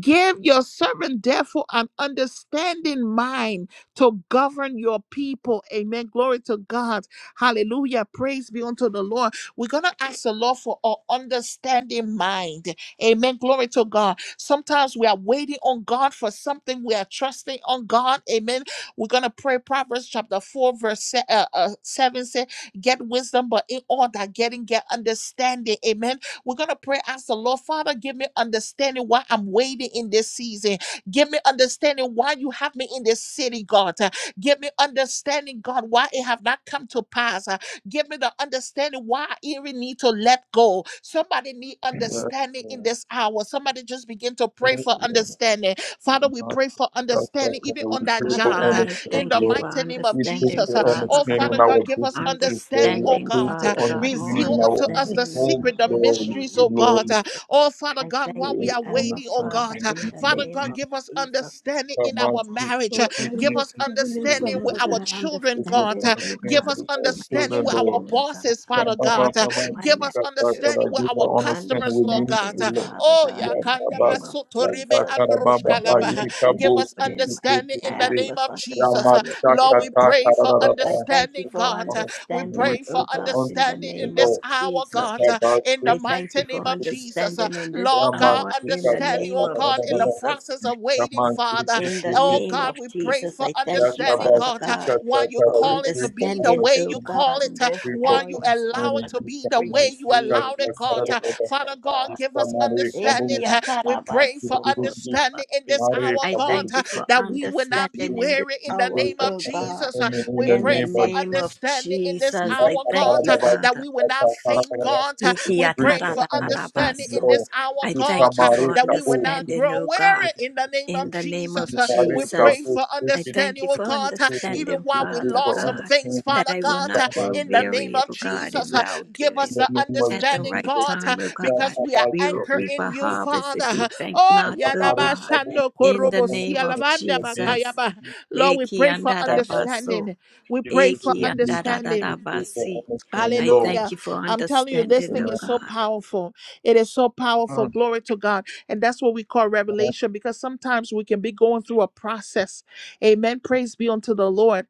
A: Give your servant, therefore, an understanding mind to govern your people. Amen. Glory to God. Hallelujah. Praise be unto the Lord. We're going to ask the Lord for our understanding mind. Amen. Glory to God. Sometimes we are waiting on God for something. We are trusting on God. Amen. We're going to pray Proverbs chapter 4, verse se- uh, uh, 7 say, Get wisdom, but in all that getting, get understanding. Amen. We're going to pray, ask the Lord, Father, give me understanding why I'm waiting in this season. Give me understanding why you have me in this city, God. Uh, Give me understanding, God, why it have not come to pass. Uh, Give me the understanding why I even need to let go. Somebody need
C: Yes,
A: understanding in
C: Lord.
A: this hour. Somebody just begin to pray
C: Thank
A: for
C: you, Lord.
A: understanding. Father,
C: And
A: we
C: not
A: pray for
C: just
A: understanding
C: that,
A: even
C: Lord.
A: on
C: We
A: that
C: pray
D: Father
A: job.
C: for
A: uh,
D: God, I
A: In
C: understanding,
A: the
D: thank you
C: Lord.
D: for
A: mighty name of
C: We pray
D: understanding,
A: Jesus. Uh,
C: for
D: Father
A: Oh,
C: understanding in
A: Father
D: God.
C: our
A: God, give us
C: businesses, Lord.
A: understanding,
C: We
A: oh
C: are
D: Understanding,
C: praying
A: God. Uh,
C: for
D: Father God,
C: understanding
D: more
A: Reveal
C: in
A: unto us
C: our
A: the
D: understanding, oh
C: homes,
A: secret,
D: God,
A: the
D: in
C: Lord.
D: the
C: We
D: name
A: mysteries,
D: of
C: give,
A: oh
C: Lord,
A: God.
C: we pray
A: Uh,
D: Jesus.
A: Oh, Father
D: I
A: God,
D: thank
A: while we
D: you,
A: are
C: for
D: Abba
A: waiting, oh
C: understanding
A: God,
D: Father,
C: in
A: uh,
C: the
D: in the
C: name of
A: Father
D: name
A: God,
D: of
A: give us
C: Jesus.
D: Jesus.
A: understanding in
C: Come on,
A: our
C: speak,
A: marriage.
C: speak,
A: uh,
D: Oh,
C: speak,
A: Give
C: speak,
A: us
C: speak,
D: understanding,
C: speak,
A: understanding with
C: speak,
D: Father
C: speak,
A: our
D: God,
A: children,
C: It was
A: God.
C: for
D: understanding,
A: uh,
C: the
D: oh
C: pain
A: Give
D: God,
C: of
A: us
C: our
D: for my
A: understanding
C: children,
A: with our
C: Lord.
D: children, oh God,
A: bosses, Father
C: Kaba ba
A: God. uh,
D: understanding
C: ba ma
D: for my
A: Give us
C: kaba
D: marriage,
C: kaba
A: understanding with
C: give the
A: our
C: honor stand
A: customers,
C: with
A: Lord God.
D: understanding,
C: ministry,
A: uh,
C: Lord.
D: Father
A: Oh,
D: God,
C: Ya
D: in the
A: Yakanda
C: kaba
D: name of Jesus.
C: kaba
A: Basotoribe
C: kaba ba
D: For
C: ba ba
D: this
A: Androshkalaba.
D: that
C: ini
D: you have
A: Give
C: kabo
A: us
D: put in
C: sisi
D: my
A: understanding
C: sisi
A: in the
D: path
C: sisi.
D: for
A: name of
D: such
C: Ya
D: a
A: Jesus.
C: ma
A: uh,
D: time as
C: kaba
D: this,
A: Lord, we
C: kaba
D: oh God.
A: pray
C: kaba
A: for
C: ra ra ra.
D: I thank you
A: understanding,
C: It
D: for
C: was
A: God.
C: honor
A: We
C: stand
D: understanding,
C: with
A: pray for
D: oh
C: with the
D: God,
C: honor
D: in the
A: understanding
C: stand,
A: in
D: name of
A: this
C: Lord.
A: hour,
C: Ya
D: Jesus.
A: God, uh,
C: kaba
A: in the
D: I
C: sisi
D: thank
A: mighty
D: you
C: sisi
A: name
D: for
A: of
C: sisi.
A: Jesus. Uh,
D: understanding in this
C: Ya
A: Lord
C: ma
A: God,
D: hour in
C: kaba
D: the
A: understanding,
D: name
C: kaba
A: oh
D: of
C: ra
A: God,
C: ra ra
A: in the
C: ra.
D: Jesus.
A: process of
C: Ya ma
A: waiting, Father.
C: sisi
D: In the
C: sisi.
A: Oh
D: name
A: God,
D: of
A: we pray
D: Jesus,
A: for
D: I thank you,
A: understanding,
C: Yakabas
D: Father
A: God, uh,
D: God,
A: why you
C: Sukasakara,
D: for
C: we
A: call it
C: pray
A: to
C: for
A: be the
D: understanding,
A: way
D: oh
A: you
C: understanding,
A: call
D: God,
A: it,
D: in
A: uh,
C: we
D: this
C: pray for
A: why you
D: areas, Father
A: allow it
C: understanding,
D: God,
A: to be the
D: where you
A: way you
C: Yakamasi
D: see and
A: allowed
D: you
A: it, God.
C: Kasakara,
D: see,
A: Uh,
D: oh
A: Father
D: God.
A: God, give us
C: Yakamari
A: understanding.
C: Kabu,
A: uh, We pray for understanding in
D: Ekiatarabasokosabasi.
A: this
C: Mari
A: hour,
D: I
A: God,
C: Kabu,
D: thank
A: uh,
D: you for
A: that we will not be
D: understanding in this
A: weary
C: we
A: in the
D: hour,
C: pray
A: name
C: for
A: of
D: oh God.
A: Jesus. Uh,
C: understanding in
A: we
C: the
D: In the
A: pray
C: name
A: for
C: of
D: name
C: Jesus.
D: of
A: understanding in this
D: Jesus, I
A: hour, God,
D: thank you,
A: uh,
C: Yakatarabas
A: that
D: Father.
A: we will not faint,
C: Sukasakara,
A: God. Uh,
C: we
A: We
C: pray
A: pray
C: for
A: for
C: understanding,
A: understanding in
D: Ikiatarararabaso.
C: Lord.
A: this hour,
D: I
A: God,
D: thank you
A: uh,
C: Yakamari
D: for
A: that we will
C: Kabu,
A: not
D: understanding,
A: grow
D: O God.
A: weary in the name of
D: In the name
A: Jesus.
D: of
A: Uh,
C: Mare
A: We pray
D: Jesus,
C: Kabu
A: for
D: I thank
A: understanding,
D: you
A: oh
D: for
A: God, uh, even
D: understanding,
A: while we
D: Father
C: for
A: lost some
C: almost
D: God,
A: things,
C: him.
D: that
A: Father
D: I will
A: God,
D: not
A: uh,
C: Come back
D: grow
A: in the
C: in
A: name
D: weary,
A: of
D: O God,
A: Jesus.
D: in
A: Uh,
D: well
A: Give us
D: doing.
C: the
A: the
C: name of
D: At the
A: understanding,
D: right
C: Jesus.
A: God, uh,
D: time, O
C: Yeah,
D: God,
A: because
C: come
A: we are
D: we
C: back
D: will
A: anchored
D: reap
A: in
D: a
A: you,
C: Yeah,
D: harvest
A: Father.
D: if we
A: Uh,
D: faint
A: Oh,
D: not, O
C: Mare
A: Yadaba
D: God.
C: Kabu
A: Shando
D: In
C: for
D: the
A: Korobo
C: almost
D: name of
C: him.
A: Sialabanda
C: The name
D: Jesus.
A: Bakayaba.
C: of Jesus.
A: Lord, we pray for
C: Come
A: understanding.
D: Ikiandarabaso.
A: We pray for
D: Eki anda da da
A: understanding.
D: da
C: back
D: basi.
C: for almost him.
D: I
C: Lord.
D: thank
A: Hallelujah.
D: you for
A: I'm telling you, this
D: understanding,
A: thing
D: oh
C: Amen.
A: is so
D: God.
A: powerful. It is so powerful.
C: Mm,
A: Glory to God. And that's what we call
C: Amen.
A: revelation because sometimes we can be going through a process. Amen. Praise be unto the Lord.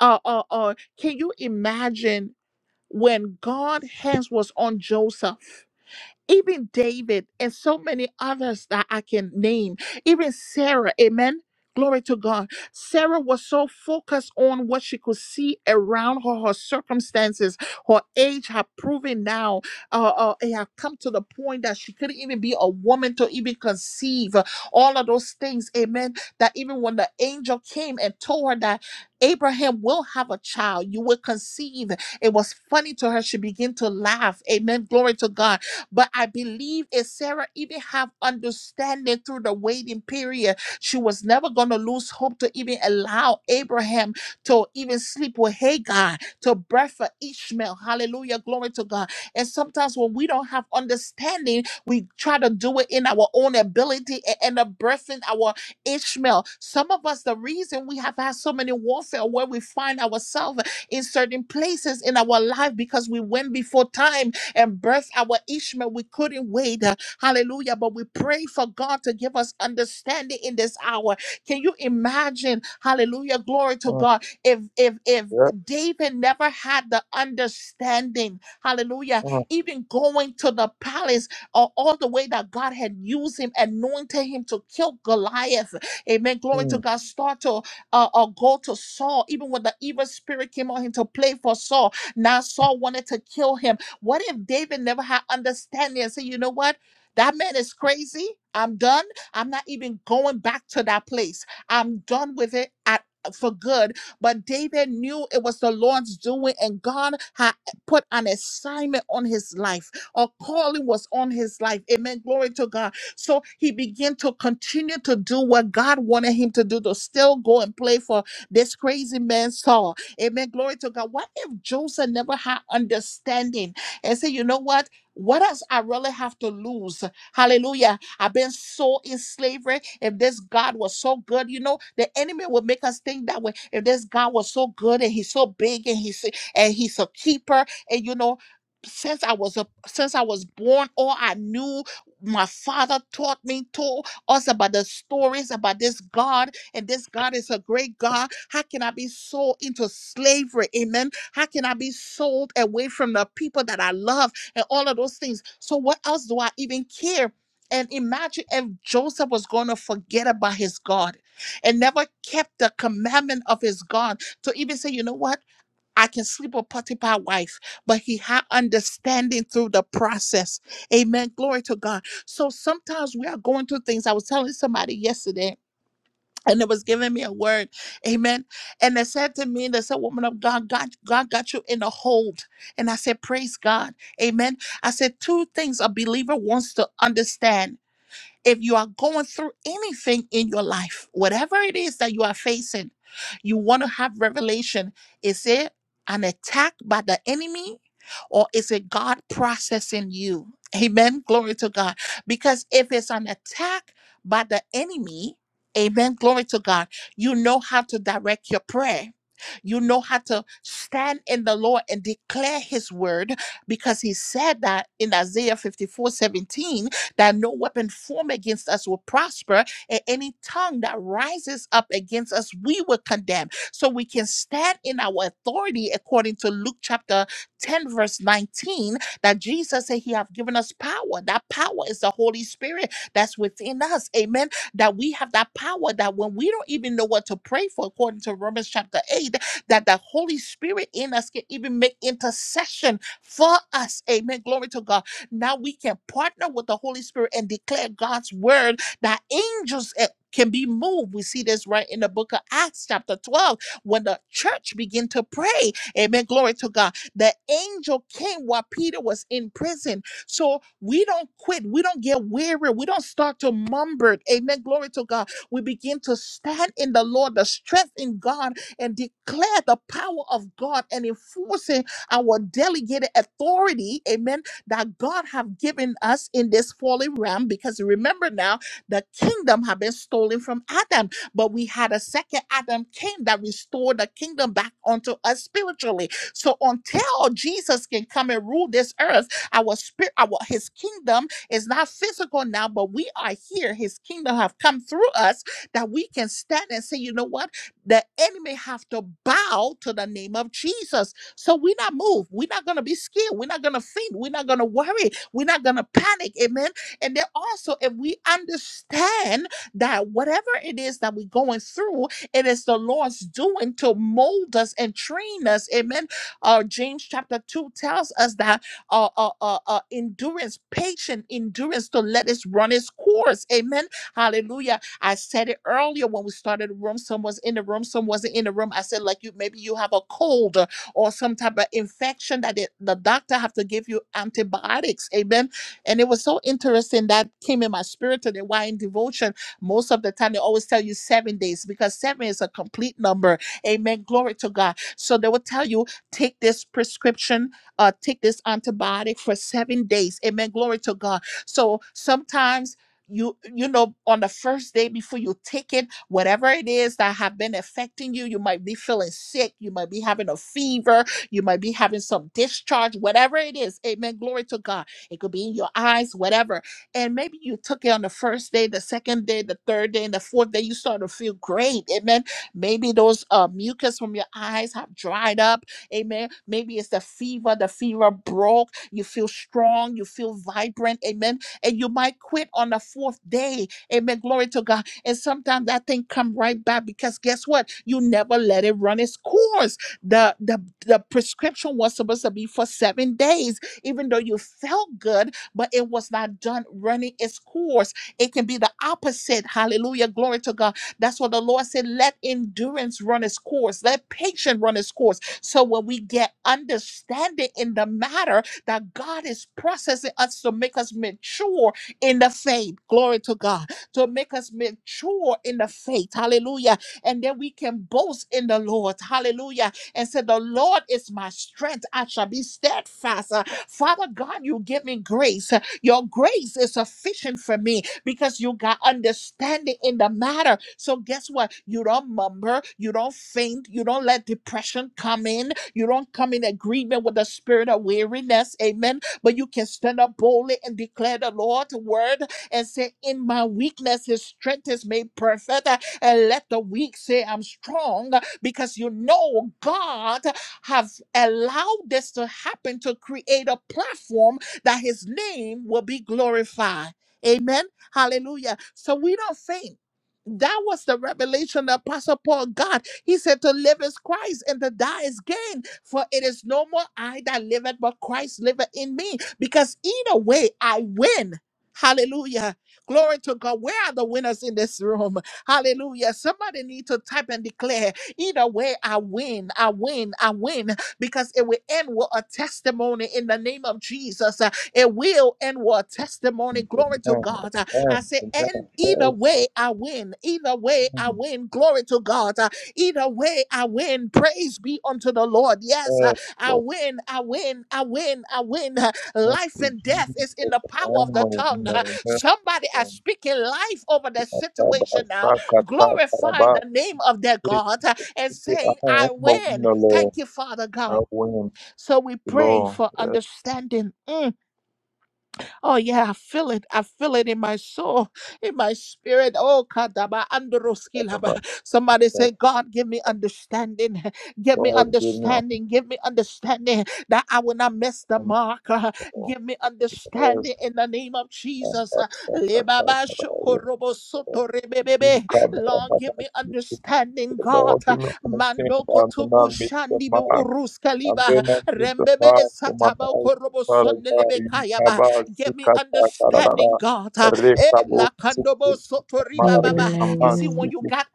A: Uh, uh, uh, can you imagine when God's hands was on Joseph? Even David and so many others that I can name, even Sarah, amen. Glory to God. Sarah was so focused on what she could see around her, her circumstances, her age had proven now. Uh, uh, it had come to the point that she couldn't even be a woman to even conceive uh, all of those things. Amen. That even when the angel came and told her that Abraham will have a child, you will conceive. It was funny to her. She began to laugh. Amen. Glory to God but I believe if Sarah even have understanding through the waiting period, she was never going to lose hope to even allow Abraham to even sleep with Hagar, to birth for Ishmael. Hallelujah. Glory to God. And sometimes when we don't have understanding, we try to do it in our own ability and end up birthing our Ishmael. Some of us, the reason we have had so many warfare where we find ourselves in certain places in our life because we went before time and our Ishmael. We couldn't wait. uh, Hallelujah. But we pray for God to give us understanding in this hour. Can you imagine? Hallelujah. Glory to
C: Mm,
A: God. If if if
C: Yeah.
A: David never had the understanding, hallelujah, even going to the palace or all the way that God had used him, anointed him to kill Goliath. Amen. Glory to
C: Mm, mm.
A: God. Start to uh, uh, go to Saul, even when the evil spirit came on him to play for Saul. Now Saul wanted to kill him what if David never had understanding and said, you know what? That man is crazy. I'm done. I'm not even going back to that place. I'm done with it at for good. But David knew it was the Lord's doing, and God had put an assignment on his life. A calling was on his life. Amen. Glory to God. So he began to continue to do what God wanted him to do, to still go and play for this crazy man Saul. Amen. Glory to God. What if Joseph never had understanding? and say, you know what? What does I really have to lose? Hallelujah. I've been so in slavery. If this God was so good, you know, the enemy would make us think that way. If this God was so good and he's so big and he's and he's a keeper, and you know, since I was a since I was born, all I knew my father taught me told us about the stories about this God, and this God is a great God. How can I be so into slavery? Amen how can I be sold away from the people that I love and all of those things? So, what else do I even care? And imagine if Joseph was going to forget about his God and never kept the commandment of his God to even say, you know what? I can sleep with Potiphar's wife, but he had understanding through the process. Amen. Glory to God. So sometimes we are going through things. I was telling somebody yesterday and it was giving me a word amen and they said to me they said woman of god god god got you in a hold and i said praise god amen i said two things a believer wants to understand if you are going through anything in your life, whatever it is that you are facing, you want to have revelation. Is it an attack by the enemy or is it God processing you? Amen. Glory to God. Because if it's an attack by the enemy, amen. Glory to God. You know how to direct your prayer. You know how to stand in the Lord and declare his word because he said that in Isaiah 54 17 that no weapon formed against us will prosper, and any tongue that rises up against us, we will condemn. So we can stand in our authority according to Luke chapter 10, verse 19, that Jesus said, He have given us power. That power is the Holy Spirit that's within us. Amen. That we have that power that when we don't even know what to pray for, according to Romans chapter 8, that the Holy Spirit in us can even make intercession for us. Amen. Glory to God now we can partner with the Holy Spirit and declare God's word that angels eh, can be moved. We see this right in the book of Acts, chapter 12, when the church began to pray. Amen. Glory to God. The angel came while Peter was in prison. So we don't quit. We don't get weary. We don't start to mumble. Amen. Glory to God. We begin to stand in the Lord, the strength in God, and declare the power of God and enforcing our delegated authority. Amen that God have given us in this fallen realm. Because remember now, the kingdom have been stolen from Adam, but we had a second Adam came that restored the kingdom back onto us spiritually. So until Jesus can come and rule this earth, our spirit, our His kingdom is not physical now, but we are here. His kingdom have come through us that we can stand and say, you know what? The enemy have to bow to the name of Jesus so we're not moved. We're not going to be scared. We're not going to faint. We're not going to worry. We're not going to panic. Amen. And then also, if we understand that whatever it is that we're going through, it is the Lord's doing to mold us and train us. Amen. Uh, James chapter 2 tells us that uh, uh, uh, uh, endurance, patient endurance to let us run its course. Amen. Hallelujah. I said it earlier when we started the room. Some was in the room, some wasn't in the room. I said, like you, maybe you have a cold or some type of infection that it, the doctor have to give you antibiotics. Amen. And it was so interesting that came in my spirit today. Why in devotion, most of the time they always tell you seven days because seven is a complete number. Amen. Glory to God. So they will tell you take this prescription, uh, take this antibiotic for seven days. Amen. Glory to God. So sometimes you you know on the first day before you take it whatever it is that have been affecting you you might be feeling sick you might be having a fever you might be having some discharge whatever it is amen glory to god it could be in your eyes whatever and maybe you took it on the first day the second day the third day and the fourth day you start to feel great amen maybe those uh, mucus from your eyes have dried up amen maybe it's the fever the fever broke you feel strong you feel vibrant amen and you might quit on the fourth day. Amen. Glory to God. And sometimes that thing come right back because guess what? You never let it run its course. The the the prescription was supposed to be for seven days, even though you felt good, but it was not done running its course. It can be the opposite. Hallelujah. Glory to God. That's what the Lord said. Let endurance run its course. Let patience run its course. So when we get understanding in the matter, that God is processing us to make us mature in the faith. Glory to God. To make us mature in the faith. Hallelujah. And then we can boast in the Lord. Hallelujah. And say, The Lord is my strength. I shall be steadfast. Uh, Father God, you give me grace. Uh, Your grace is sufficient for me because you got understanding in the matter. So guess what? You don't mumble, you don't faint, you don't let depression come in, you don't come in agreement with the spirit of weariness. Amen. But you can stand up boldly and declare the Lord's word and say, In my weakness, his strength is made perfect. And let the weak say, I'm strong, because you know God have allowed this to happen to create a platform that his name will be glorified. Amen. Hallelujah. So we don't faint. That was the revelation that Apostle Paul got. He said, To live is Christ and to die is gain. For it is no more I that liveth, but Christ liveth in me. Because either way, I win. Hallelujah. Glory to God. Where are the winners in this room? Hallelujah. Somebody need to type and declare. Either way, I win. I win. I win. Because it will end with a testimony in the name of Jesus. It will and what testimony. Glory to
C: Amen.
A: God. Uh,
C: Amen.
A: I say, and either
C: Amen. Yes.
A: way, I win. Either way, I
C: Mm,
A: win. Glory to God. Uh, Either way, I win. Praise be unto the Lord. Yes, uh,
C: Yes.
A: I win. I win. I win. I win. Uh,
C: Thank
A: Life
C: you,
A: and death
C: Jesus.
A: is in the power of the
C: Amo, amo,
A: tongue. Uh,
C: amo.
A: Somebody is speaking life over their
C: Ataba,
A: situation now,
C: asaka,
A: glorifying
C: tataraba.
A: the name of their God uh, and
C: Ike,
A: saying, I win.
C: lo.
A: Thank you, Father God.
C: Awin,
A: So we pray
C: lo.
A: for
C: Yes,
A: understanding. Mm. Oh yeah, I feel it. I feel it in my soul, in my spirit. Oh, kadaba androski laba.
C: ataba.
A: Somebody
C: Yes,
A: say, God, give me understanding. Give me
C: Lord, give me honor,
A: understanding. Give me understanding that I will not miss the mark. Uh,
C: lo.
A: Give me
C: Yes,
A: understanding in the name of
C: ataba,
A: Jesus. Uh,
C: asaka,
A: lebaba
C: tataraba. Yes,
A: shokorobo
C: Lord.
A: soto rebebebe.
C: Ika, baraba,
A: Lord, give me
C: ike,
A: understanding,
C: Lord,
A: God. Uh,
C: give me understanding.
A: Mando
C: I
A: kotobo shandi be uruska
C: I'm
A: liba.
C: going to keep the
A: Rembebe
C: heart for my
A: sataba
C: life,
A: korobo
C: Father
A: sondelebe
C: God.
A: kayaba.
C: Yikaba,
A: Give me
C: Sikata,
A: understanding,
C: Karara,
A: God. Uh, eh,
C: Rekabo,
A: la kandobo soto
B: I
A: riba
B: win,
A: baba.
B: I
A: You see,
B: win,
A: when
C: Sikama,
A: you got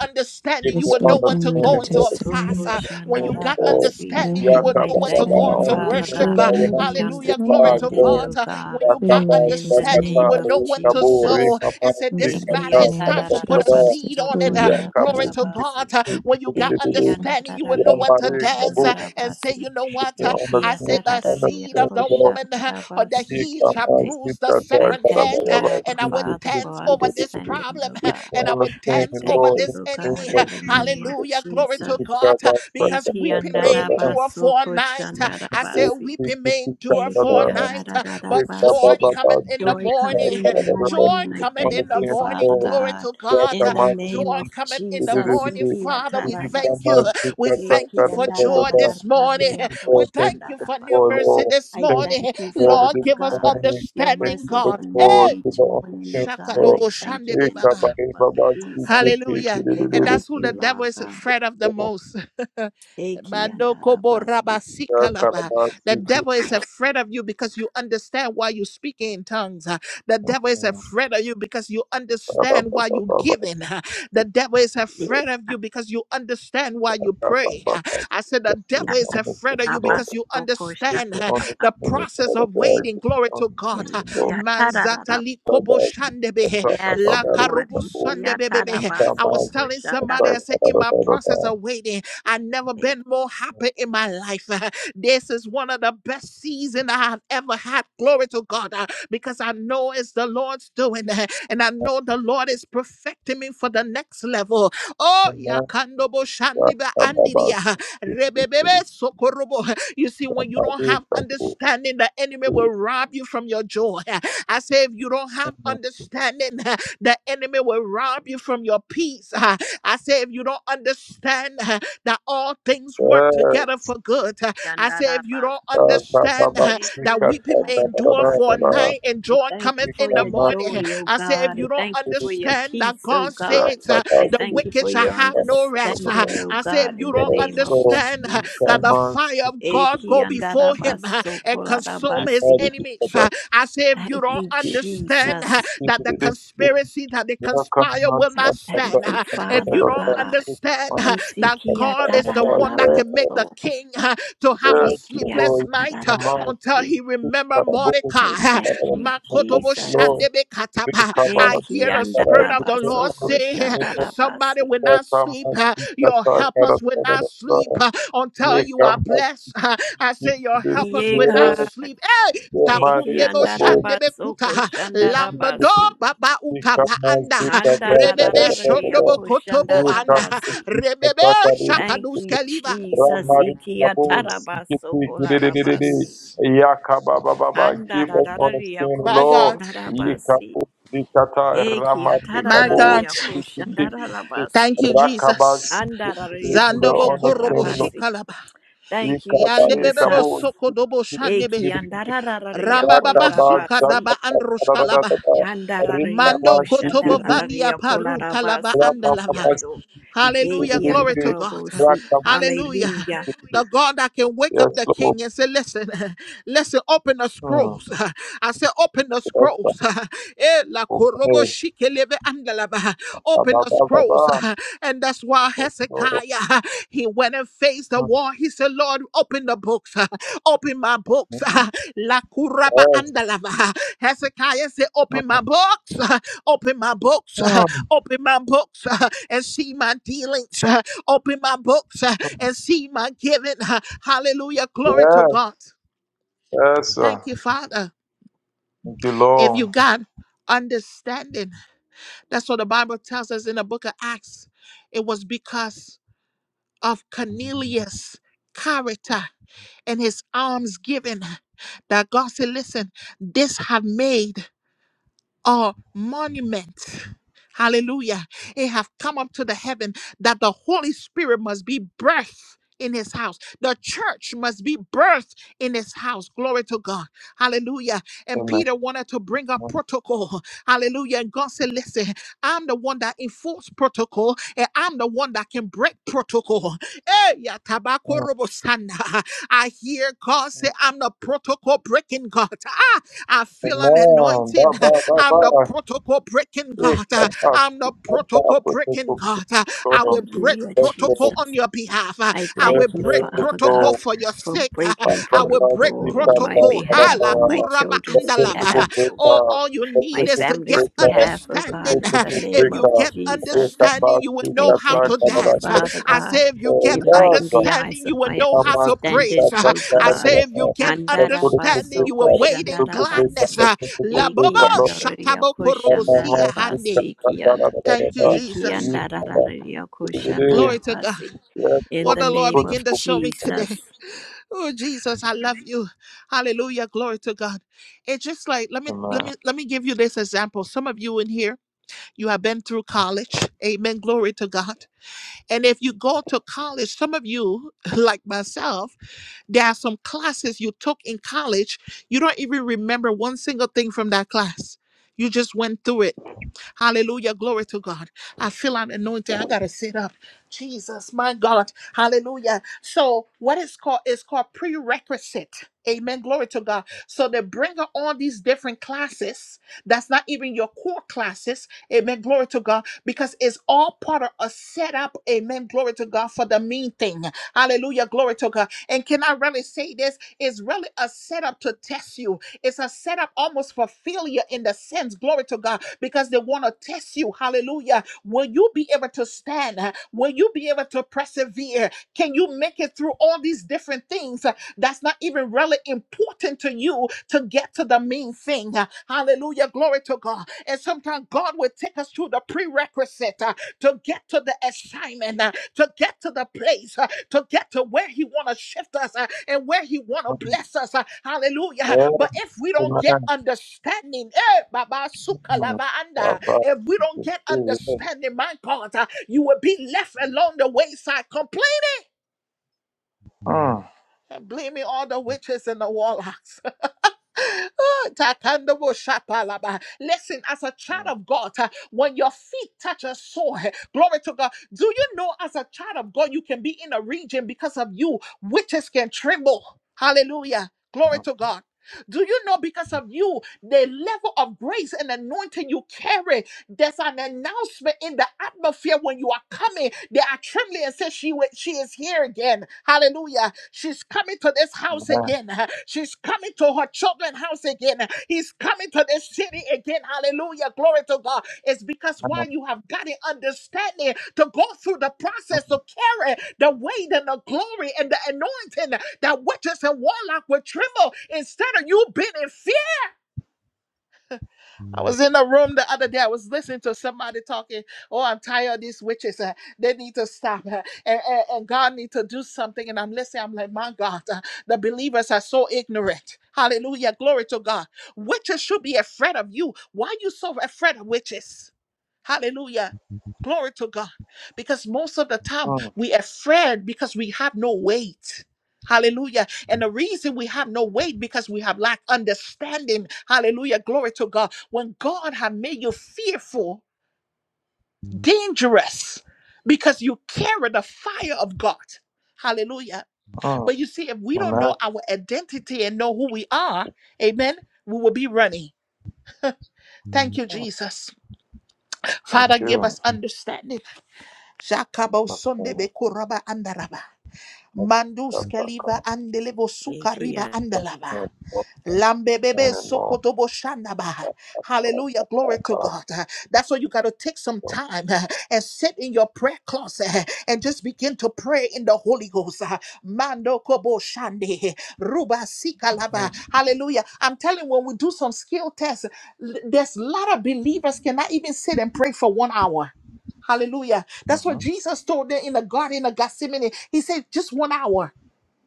C: Give
A: understanding, you
C: me
B: This
A: will know
B: will
A: when to
B: end with a
A: go
C: understanding,
A: into
C: Lord.
A: a
C: Give me
A: fast.
D: Soko
B: testimony.
A: Uh, When
D: shanda
A: you
C: understanding,
D: da
A: got
C: Lord.
D: basi.
B: I
C: I
A: understanding, you
B: have
A: will
D: I
A: know when to
D: thank
A: go
D: you,
B: understanding
A: into
B: that
D: Father
B: this
C: understand
A: worship.
C: that
B: will
C: when I
D: God.
A: Uh,
B: end
C: will
D: Give
B: with
C: not
B: a
D: me
C: be
A: Hallelujah. Glory
B: testimony.
C: debarred,
A: to
D: understanding,
A: God.
C: Lord.
D: oh
A: Uh, When
D: God.
A: you got
B: Living with a
C: Yakaba,
D: In the
A: understanding, you
C: Zakata,
D: name
B: testimony.
A: will
D: of
A: know when to
C: Rukabu,
A: sow
D: Jesus.
C: Rimama,
A: and say,
B: In the
A: This
D: Eki
A: matter
B: mighty
C: Zikata,
A: is
B: name
D: ata
A: time
D: da
B: of
A: to
D: da da
A: put a
C: Karabatada,
B: Jesus,
A: seed
B: this
D: baso
B: will
A: on it.
D: ko
A: Uh,
B: end with a
D: shanda
A: Glory
C: Yakabu,
D: da
A: to
B: testimony.
A: God.
D: basi.
A: Uh, When you got
D: Eki
C: Zikata,
D: anda
A: understanding,
D: da
A: you
D: da
A: will know
D: ria
A: when to
D: ko
C: Yamare,
A: dance
D: shanda
C: Kabu,
A: uh,
D: da
A: and say,
D: basi.
A: You know
C: Give
A: what?
C: me
A: Uh,
D: Eki
A: I
C: understanding,
A: said,
D: ata da
A: The
D: da ria
A: seed of
D: ko
C: understanding,
A: the
C: Lord.
A: woman.
D: shanda da
A: or the
C: If
A: heels
D: basi.
A: shall bruise
C: you
A: the
D: I
A: serpent head.
D: thank you,
A: uh, And
D: Abba
A: I would
D: Father, for
A: dance over this
D: understanding,
A: problem,
D: O
A: uh,
D: God.
A: and I would
C: understand,
D: I
A: dance
C: the
A: over
D: thank
C: Lord,
D: you,
C: in
A: this
D: O
C: the name
D: God,
A: enemy. uh,
D: in
C: of
D: the name of
C: Jesus,
A: Hallelujah. Glory
C: we
A: to
D: Jesus.
C: give God
A: God. uh,
C: our strength,
A: Because
D: Eki
C: God,
A: weeping
C: God,
A: may
C: God, God.
A: endure for a
D: andarabasoko
A: night.
C: We
A: uh,
C: give
A: I say,
C: all
D: shandarabasi.
C: strength
A: weeping
C: to
A: may endure for
D: Eki
A: a
C: Canada.
A: night, uh,
C: you,
A: but
C: God,
A: joy
C: God,
D: andarararabasi.
C: God. We give God,
A: cometh in the
D: Joy comes
A: morning.
D: in the
A: Joy
D: morning. I
A: cometh
D: thank
A: in the
D: you,
C: Understand,
A: morning.
D: Father
C: Lord.
A: Glory
D: God,
A: to
C: Thank
A: God.
D: in
A: uh,
D: the name
A: Joy
C: you
D: of
A: cometh in the
C: for joy,
D: Jesus.
A: morning.
D: Eki
A: Father, we thank you.
D: atarabasi.
A: uh, We thank
D: Eki
A: you for joy this morning.
D: andararararariako
A: We thank you for
D: shandarabasi.
A: new mercy
C: Lord.
A: this
D: I
C: Thank you
A: morning.
D: thank you,
C: for joy
D: Father
A: Lord,
C: this
A: give us
D: God.
C: morning.
D: Your
C: Thank
A: understanding,
C: you
D: mercies
C: for
A: God.
D: are
C: joy
D: new
A: Hey!
C: to
D: each
C: the
D: morning, oh
C: understanding,
D: God. I
C: Lord.
A: Shakadobo
D: thank you
A: Shandebe
D: in
A: Baba.
D: the name of Jesus.
A: Hallelujah.
D: I
A: And
D: thank
A: that's who
D: you,
A: the
D: Lord
A: devil is
D: God.
A: afraid of the most.
D: Eki
A: Mando kobo
D: andarabasi,
A: raba The devil is afraid of you because you understand why you speak in tongues. uh. The devil is afraid of you because you understand why you giving. uh. The devil is
D: eki
A: afraid of you because you understand why you pray. uh. I said
C: Just
A: the
C: be
A: devil is
C: honest
A: afraid of
C: and
A: you
C: Lord.
A: because you
C: Just
A: understand
C: be
A: uh,
C: honest
A: the
D: andarabasokoshandarabasi,
C: and honest,
A: process
C: Father
A: of
C: God.
A: waiting. Glory to God.
C: Just be honest
A: uh.
C: and Lord.
D: eki atarararab-
A: Manzatali kobo shandebe.
D: Yes,
A: La
D: Lord.
A: karubu
D: Eki
A: Sunday, baby. I was telling somebody,
D: atarabasokoshandarabasi,
A: I said, in my process of waiting, i never been
D: eki
A: more happy in my life. This is one of the best seasons I have ever had. Glory to God, uh, because I know it's the Lord's doing, uh, and I know the Lord is perfecting me for the next level. Oh, yakandobo shandiba andidia, rebebebe sokorobo. You see, when you don't have understanding, the enemy will rob you from your joy. I say, if you don't have understanding, The enemy will rob you from your peace. Ah, I say, if you don't understand ah, that all things work together for good, ah, I say, if you don't understand ah,
D: I
A: that weeping may endure for a night and joy
D: thank you
A: cometh
D: for
A: in the
D: your
A: morning,
D: joy, O
A: I say, if
D: God. I
A: you don't
D: thank you for your
A: understand that
D: peace, O
A: God
D: God.
A: says ah,
D: I
A: the
D: thank you
A: wicked
D: for
A: shall
D: your
A: have no rest, ah,
D: understanding, O
A: I say, if
D: God,
A: you
D: in the
A: don't
D: name of
A: understand ah,
D: Jesus.
A: that the fire of God go before him ah, and consume his
D: Ekiandarabasokorabasi.
A: enemies, ah, I say, if you
D: Thank
A: don't
D: you,
A: understand
D: Jesus.
A: that the
C: Yes, Lord,
A: conspiracy that they
C: Yes,
A: conspire will
D: I
A: not
D: thank
A: stand.
D: you,
A: uh, If
D: Father
A: you don't
D: God.
A: understand uh, that God is the one that can make the king uh, to have a sleepless night uh, until he remember Mordecai.
D: I
A: uh,
D: thank you,
A: Makotobo
D: Jesus.
A: Shandebe Katapa. I
D: Eki
A: hear the Spirit of the
D: andarabaso
A: Lord say, uh, Somebody
D: koshandarabasi.
A: will not sleep. uh, Your helpers will not sleep uh, until you are blessed. uh, I say, Your helpers will not
D: Yega
A: sleep. Hey,
D: eki
A: takundebo shandebe
D: andarabaso
A: kuta
C: Maria,
A: lambado
D: koshandarabasi.
A: baba
C: Ramari
A: utava
C: Kabos,
A: anda rebebe
D: Andararararia
A: shondobo kotobo anda
D: koshandarabasi.
A: rebebe
D: Thank
A: shakadus
D: you,
A: kaliva
D: Jesus. Iki atarabaso kolarabasi.
A: jesus
C: Yakababa Baba, give us
D: Andararararia
C: understanding,
A: my god
C: Lord.
D: koshandarabasi.
C: Yikapo, Dikata,
D: Eki
C: Ramari
A: my
C: Kabos,
A: god
D: atarararia
A: thank
D: koshandarabasi.
A: you jesus
C: Rakabas,
D: Andarararia
A: zandobo korobo
C: understanding, Lord.
D: koshandarabasi.
A: shikalaba
D: Thank you,
C: Yikabare
A: yandebebebo
D: Jesus.
C: Kabos,
A: sokodobo shandebe
D: Eki andarararia
A: ramba baba
C: Rakabas,
A: suka
D: kolarabasi.
A: daba
C: Rakabas,
A: androshkalaba
C: Zakata,
D: Andararia
C: Rikama,
A: Mando
C: Sikiti,
A: kotobovania
D: koshandararia
C: Yes,
A: paruta lava
D: kolarabasi.
A: andalava.
D: Kiando.
A: Hallelujah.
D: Eki
A: Glory to God.
D: andorobosi.
A: Hallelujah.
D: Hallelujah.
A: The God that can wake up the
C: Lord.
A: king and say, Listen, listen, open the
C: Hmm.
A: scrolls. I said, Open the
C: Yes,
A: scrolls.
C: Lord.
A: Eh, la
C: Okay.
A: korobo shikeleve andalava.
C: Ba,
A: Open
C: ba,
A: the
C: ba, ba, ba.
A: scrolls. And that's why
C: Yes, Lord.
A: Hezekiah, he went and faced the
C: Hmm.
A: wall. He said, Lord, open the books. Open my books. La kuraba
C: Yes.
A: andalava. Hezekiah said, open my books. Open my books.
C: Hmm.
A: Open my books and see my dealings. Open my books
C: Hmm.
A: and see my giving. Hallelujah. Glory to
C: Yes.
A: God.
C: Yes, sir.
A: Thank you, Father.
C: Thank you,
A: If
C: Lord.
A: you got understanding, that's what the Bible tells us in the book of Acts. It was because of Cornelius' character and his alms given that God said, Listen, this have made or monument. Hallelujah. It have come up to the heaven that the Holy Spirit must be birthed in his house. The church must be birthed in his house. Glory to God. Hallelujah. And
C: Amen.
A: Peter wanted to bring up
C: Hmm.
A: protocol. Hallelujah. And God said, listen, I'm the one that enforce protocol and I'm the one that can break protocol. Eh, ya tabako
C: Hmm.
A: robo sana. I hear God say, I'm the protocol breaking God. Ah, I feel an
C: Amen. Ba,
A: anointing.
C: ba, ba,
A: I'm
C: ba.
A: the protocol breaking
C: Hey,
A: God. Uh,
C: come on.
A: I'm
C: Come
A: the
C: on.
A: protocol
C: Come on.
A: breaking God. Uh, I
C: Come on.
A: will break
D: Hallelujah,
C: Yes,
A: protocol
C: Lord.
A: on
D: Jesus.
A: your behalf. Uh,
D: I
A: I will
D: thank you,
A: break
C: Yes,
D: Father
C: Lord.
A: protocol
D: God,
A: for your
D: for
A: sake. Uh,
C: Yes,
D: breaking
A: I will break
D: protocol on my
A: protocol.
D: behalf,
A: Ala
D: on my
A: kuraba
D: children's
A: andalava.
D: behalf, oh
A: Oh,
D: God,
A: all you
D: my
A: need is to get
D: family's behalf, oh God,
A: understanding.
D: in the
A: If
D: name
A: you
D: of
A: get
D: Jesus.
A: understanding, you will know
D: I
A: how to
D: thank you,
A: dance.
D: Father
A: I
D: God.
A: say, if you get
D: Enlighten the eyes
A: understanding,
D: of
A: you will
D: my
A: know how to
D: understanding,
A: praise.
D: O
A: I
D: God.
A: say, if you get understanding,
D: Andarabasoko
A: you will wait in gladness.
D: koshandarabasi.
A: La
D: Eki
A: bobo
D: andoria
A: shatabo korobosia hande.
D: koshandarabasi kiando.
A: Thank you,
D: Eki
A: Jesus.
D: andararia
A: Glory to God.
D: koshandarabasi. In
A: What
D: the
A: the Lord
D: name of
A: begin to show me
D: Jesus.
A: today. Oh, Jesus, I love you. Hallelujah. Glory to God. It's just like let me
C: Amen.
A: let me let me give you this example. Some of you in here, you have been through college. Amen. Glory to God. And if you go to college, some of you, like myself, there are some classes you took in college. You don't even remember one single thing from that class. You just went through it Hallelujah. Glory to God. I feel I'm anointed. I gotta sit up. Jesus, my God. Hallelujah. So what is called is called prerequisite. Amen. Glory to God. So they bring up all these different classes. That's not even your core classes. Amen. Glory to God. Because it's all part of a setup. Amen. Glory to God for the mean thing. Hallelujah. Glory to God. And can I really say this? It's really a setup to test you. It's a setup almost for failure in the sense, glory to God, because they want to test you. Hallelujah. Will you be able to stand? Will you be able to persevere? Can you make it through all these different things uh, that's not even really important to you to get to the main thing? Uh, Hallelujah. Glory to God. And sometimes God will take us through the prerequisite uh, to get to the assignment. Uh, to get to the place, uh, to get to where He want to shift us uh, and where He want to bless us. uh, Hallelujah.
C: Yes,
A: But if we don't
C: Amen.
A: get understanding, eh, Baba
C: Mm,
A: Sukalabaanda,
C: Baba,
A: if we don't get
C: sikukuu, mm,
A: understanding, my God, uh, you will be left along the wayside complaining
C: mm,
A: and blaming all the witches and the warlocks. Oh, Takandobo Shapalaba. Listen, as a
C: mm,
A: child
C: mm,
A: of God, uh, when your feet touch a soil, glory to God. Do you know, as a child of God, you can be in a region because of you, witches can tremble. Hallelujah. Glory
C: mm, mm,
A: to God. Do you know because of you the level of grace and anointing you carry? There's an announcement in the atmosphere when you are coming. They are trembling and say, she, wa- she is here again. Hallelujah. She's coming to this house
C: mm.
A: again. She's coming to her children's house again. He's coming to this city again. Hallelujah. Glory to God. It's because why
C: Amen.
A: you have got an understanding to go through the process to carry the weight and the glory and the anointing that witches and warlock would tremble instead of you being in fear I was in a room the other day. I was listening to somebody talking. Oh, I'm tired of these witches. uh, they need to stop. uh, and, and, and God need to do something. And I'm listening. I'm like, my God, uh, the believers are so ignorant. Hallelujah. Glory to God. Witches should be afraid of you. Why are you so afraid of witches? Hallelujah. Glory to God. Because most of the time we afraid because we have no weight. Hallelujah. And the reason we have no weight because we have lack understanding. Hallelujah. Glory to God. When God have made you fearful, dangerous, because you carry the fire of God. Hallelujah. But you see, if we don't know
C: Mm,
A: our identity and know who we are, amen, we will be running. Thank you, Jesus. Father,
C: Thank
A: give
C: you.
A: us understanding. Jakabo
C: But, uh,
A: sondebe kuraba andaraba.
C: that's-
A: Mandus
C: that's a kind
A: kaliba
C: of-
A: andelevo
D: Eki
A: sukariba
D: a-
C: stuff.
A: andalaba.
C: Yeah, well, I'm
A: Lambebebe
C: saying it all.
A: sokotobo shandaba.
C: that's a important thing, and all that, but
A: Hallelujah.
C: that's
A: Glory
C: a
A: to
C: kind of-
A: God. Uh, That's why you got to take some
C: so,
A: time uh, and sit in your prayer closet uh, and just begin to pray in the Holy Ghost. uh, Mando kobo shande. Ruba sikalaba.
C: mm,
A: Hallelujah. I'm telling you, when we do some skill tests, l- there's a lot of believers cannot even sit and pray for one hour. Hallelujah. That's what
C: mhm,
A: Jesus told them in the Garden of Gethsemane. He said, just one hour.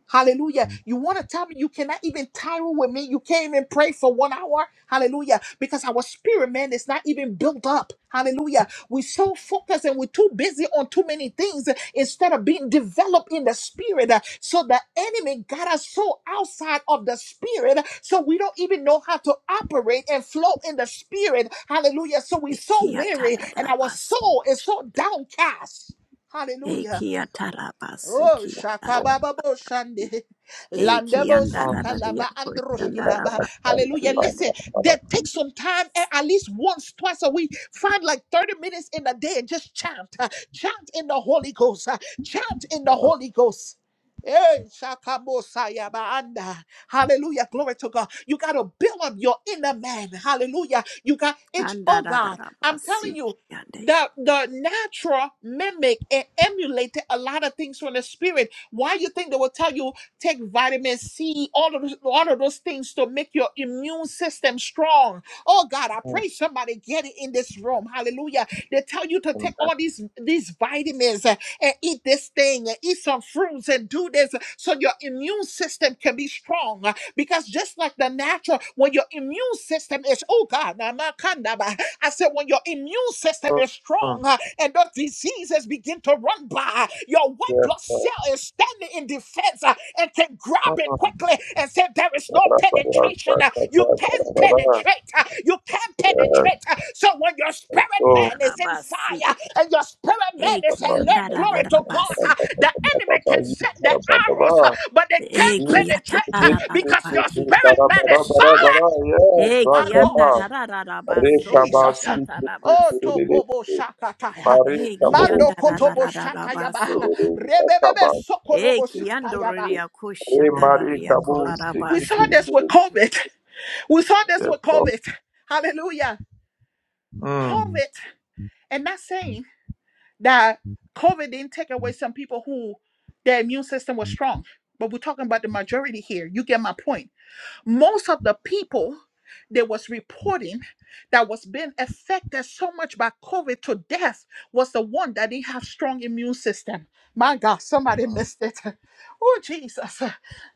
A: Hallelujah. You want to tell me you cannot even tyrant with me? You can't even pray for one hour? Hallelujah. Because our spirit, man, is not even built up. Hallelujah. We're so focused and we're too busy on too many things instead of being developed in the spirit. So the enemy got us so outside of the spirit, so we don't even know how to operate and flow in the spirit. Hallelujah. So we're so
D: eki
A: weary and our
D: atarabasi.
A: soul is so downcast. Hallelujah.
D: Eki atarabasi
A: Oh,
D: kiandarabasi.
C: so,
A: shakababa bo shande.
D: Eki
A: Landebo
C: mm,
A: suka
D: andarararia
A: lava
C: we
A: androshki
C: got
A: lava.
C: that, that, that,
A: Hallelujah.
C: that,
D: koshandarabasi
A: Listen,
C: that, that, that,
A: that take some time eh, at least once, twice a week. Find like 30 minutes in a day and just chant. uh, Chant in the Holy Ghost. uh, Chant in the
C: that,
A: Holy Ghost. Hey, shakabosaya baanda. Hallelujah. Glory to God. You got to build up your inner man. Hallelujah. You got each, oh God, I'm
D: Andarararabasi
A: telling you,
D: kiyande.
A: the, the natural mimic and emulated a lot of things from the spirit. Why you think they will tell you take vitamin C, all of those, all of those things to make your immune system strong? Oh God, I
C: mm,
A: pray somebody get it in this room. Hallelujah! They tell you to
C: and
A: take
C: that,
A: all these these vitamins and eat this thing and eat some fruits and do this so your immune system can be strong. uh, Because just like the natural, when your immune system is, oh God, na ma kanda ba, I said, when your immune system is strong
C: mm,
A: uh, and the diseases begin to run by, your white
C: Yes,
A: blood
C: sir.
A: cell is standing in defense uh, and can and
C: Mm,
A: grab it
C: mm,
A: quickly and say, There is
C: da,
A: no
C: da, da, da,
A: penetration.
C: da,
A: Uh,
C: da, da,
A: You
C: da, da,
A: can't
C: da, da, da,
A: penetrate. Uh, You can't
C: Yes.
A: penetrate. Uh, So when your
C: and
A: spirit
D: Andararabasi.
C: so,
A: man is in
D: kiande. Andarabasi.
A: fire and your spirit man
C: Yes,
A: is
D: Eki
A: alert, glory to God,
D: andarararabasi.
A: uh, the enemy can send the arrows, uh, but they can't
D: Eki
A: penetrate uh, because your
D: atarararabasi.
A: spirit man is solid. My
D: Eki
A: God,
D: andarararabasoko
A: Jesus. uh, Oh,
D: shatarabasi.
A: Tokobo Shakataya.
D: Eki
A: Mando Kotobo Shatayaba.
D: andararararabaso.
A: Rebebebe Sokorobo
D: Eki
A: Shatayaba.
D: andororia koshandararia
A: We
D: kolarabasi.
A: saw this with COVID. We saw this with
C: Lord.
A: COVID. Hallelujah.
C: Mm.
A: COVID, and not saying that COVID didn't take away some people who their immune system was strong, but we're talking about the majority here. You get my point. Most of the people there was reporting that was being affected so much by COVID to death was the one that didn't have strong immune system. My God, somebody
C: Mm.
A: missed it. Oh Jesus.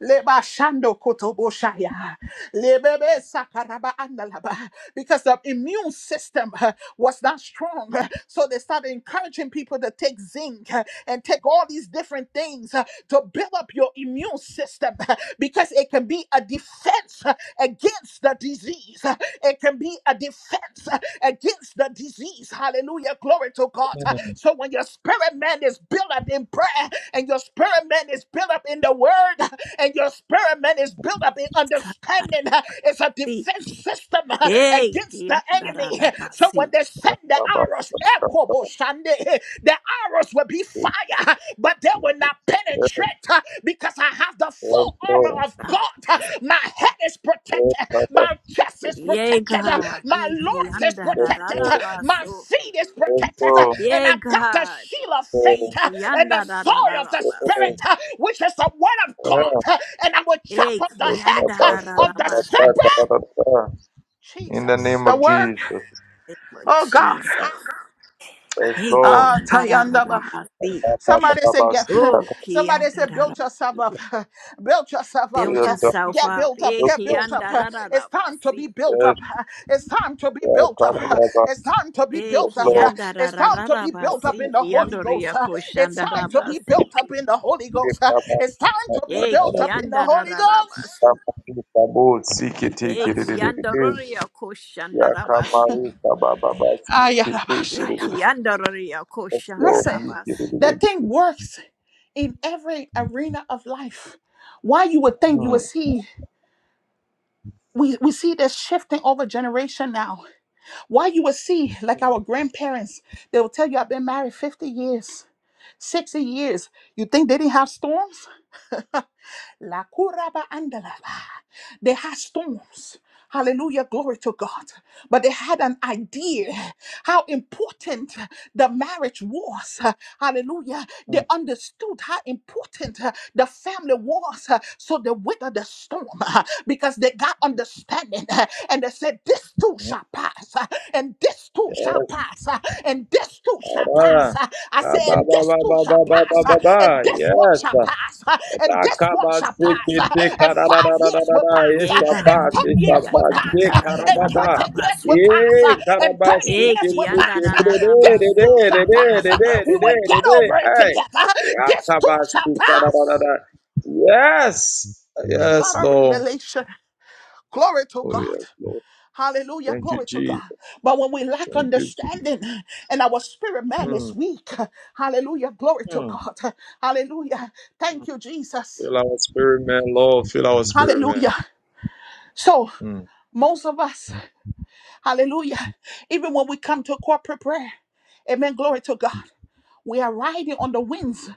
A: Leba shando kotobo shaya. Lebebe sakaraba andalaba. Because the immune system uh, was not strong. uh, So they started encouraging people to take zinc uh, and take all these different things uh, to build up your immune system because it can be a defense uh, against the disease. It can be a defense uh, against the disease. Hallelujah. Glory to God.
C: Yes,
A: So when your spirit man is built up in prayer and your spirit man is built up in the word and your spirit man is built up in understanding,
D: Sararasi.
A: it's a defense system
D: Eki
A: against the enemy. So
D: andararabasi.
A: when they send the arrows, Kobo Shande. The arrows will be fire, but they will not penetrate uh, because I have the full
C: Lord. Yes,
A: armor
C: Lord.
A: of God. Uh,
D: Sararabasi.
A: My head is
C: Yes,
A: protected, my chest is
C: Lord.
D: Yea,
A: protected, uh,
D: God.
A: my
D: Eki
A: loins is
C: Eso,
A: protected, uh, my
D: andarararabaso.
A: feet is protected, uh,
C: eso,
A: and
D: Yea,
A: I got the
D: God.
A: shield of
D: E
A: faith uh, and the
D: kianda da da
A: sword
D: da
A: of
D: da
A: the
C: eso,
D: basi.
A: spirit,
C: eso.
A: uh, which is the word of God,
C: Yeah.
A: uh, and I will chop
D: E
A: off the
C: It's
A: head
D: kianda da
C: about
D: da
A: uh,
C: that,
D: da
A: of the
C: that,
D: basi.
C: that, that, that,
A: serpent.
C: that, that. In the
A: Jesus,
C: name
A: the
C: of
A: word.
C: Jesus.
D: Name of
A: Oh God.
D: Jesus.
C: Yes,
D: E
C: Lord.
A: Ah,
D: kianda da da da
A: Tayandaba.
C: Yes,
D: basi.
C: Yes,
A: Somebody said, get
D: Oh
A: somebody
D: kianda
A: said,
D: da da.
A: build yourself up, build yourself up,
D: Build
C: Yes,
D: yourself
A: get
D: up.
A: built up,
D: E
A: get built up.
D: kianda da da
A: It's
D: da
A: time to be
D: basi.
A: built up. It's time to be
C: Yeah,
A: built
C: God,
A: up.
C: Baba.
A: It's time to be
D: E
C: Yes,
A: built up.
C: Lord.
D: kianda da
A: It's
D: da
A: time
D: da
A: to
D: da
A: be
C: In
A: built
C: the name
A: up
D: basi.
A: in
C: of
A: the Holy
D: Kiando
C: Jesus.
A: Ghost.
D: ria
A: It's
D: koshanda
A: time
D: da
A: to be
D: basi.
A: built up in the Holy
C: Yes,
A: Ghost.
C: Baba. Yes,
A: It's time to be
C: Baba.
D: E
A: built up in the
D: kianda da
A: Holy
D: da da
A: Ghost.
D: basi.
C: Baba, yes, Baba. Seek it, take
D: E
C: it, it,
A: Jesus.
C: it, it,
D: kianda
C: it.
D: ria koshanda
C: Yeah,
D: da
C: come,
D: basi.
C: Maria, Baba, Baba. Seek it, take it, it,
D: E
C: it,
A: Ayarabashayaba.
C: it.
D: kianda ria
C: Yes,
D: koshanda
C: Lord.
A: Listen,
D: da
C: Seek it, it,
D: basi.
C: it,
A: that
C: it.
A: thing works in every arena of life. Why you would think you would see? we, we see this shifting over generation now. Why you will see, like our grandparents, they will tell you, I've been married 50 years, 60 years. You think they didn't have storms? La kuraba andalava. They had storms. Hallelujah, glory to God. But they had an idea how important the marriage was. Hallelujah.
C: Hmm.
A: They understood how important the family was. So they weathered the storm because they got understanding and they said, This too shall pass and this too shall
C: Yes,
A: pass, uh, and this too shall
C: Father.
A: pass. uh, I said, and this too shall pass, uh,
C: Ka-ba-ba-ba-ba-ba-ba-ba-ba.
A: and this one
C: Yes.
A: shall pass, uh, and this one shall pass, uh,
C: Ka-ba-ba-ba-ba-ba-ba-ba.
A: and five years will
C: Ka-da-da-da-da-da-da-da.
A: pass, uh,
D: Yay,
A: and
D: God.
C: Ishaphat,
A: ten years
D: Kia
A: will
C: ishaphat.
D: ta ra
A: pass,
D: ra
A: uh,
D: ra ra
A: and
D: ra ra
C: Ka-ra-ba-ba.
D: ra
A: twenty
D: ba
A: years will
D: si.
A: pass,
C: Eh,
A: uh, and thirty
D: Eh,
A: years will
D: kia nda
A: pass.
D: ra
A: uh,
D: ra ra ba
A: This too
D: so
A: shall
D: ko ra ra
A: pass. uh,
D: ra ba
A: We will
D: si.
A: get
C: ka-ra-ba-si-ki-ki-ki-re-re-re-re-re-re-re-re-re-re-re-re-re.
A: over it
C: Hey.
A: together. uh, This too shall pass.
C: Ya-ka-ba-si-ka-da-da-da-da. Yes.
A: They
C: Yes,
A: got a
C: Lord.
A: revelation. Glory to
C: Oh,
A: God.
C: yes, Lord.
A: Hallelujah.
C: Thank you,
A: Glory to God.
C: Jesus.
A: But when we lack
C: Thank you, Jesus.
A: understanding and our spirit man is
C: Mm,
A: weak, hallelujah. Glory to
C: mm.
A: God. Hallelujah. Thank you, Jesus.
C: Fill our spirit, man. Lord, fill our spirit, man.
A: Hallelujah. So,
C: Mm.
A: most of us, hallelujah, even when we come to corporate prayer, amen. Glory to God. We are riding on the winds.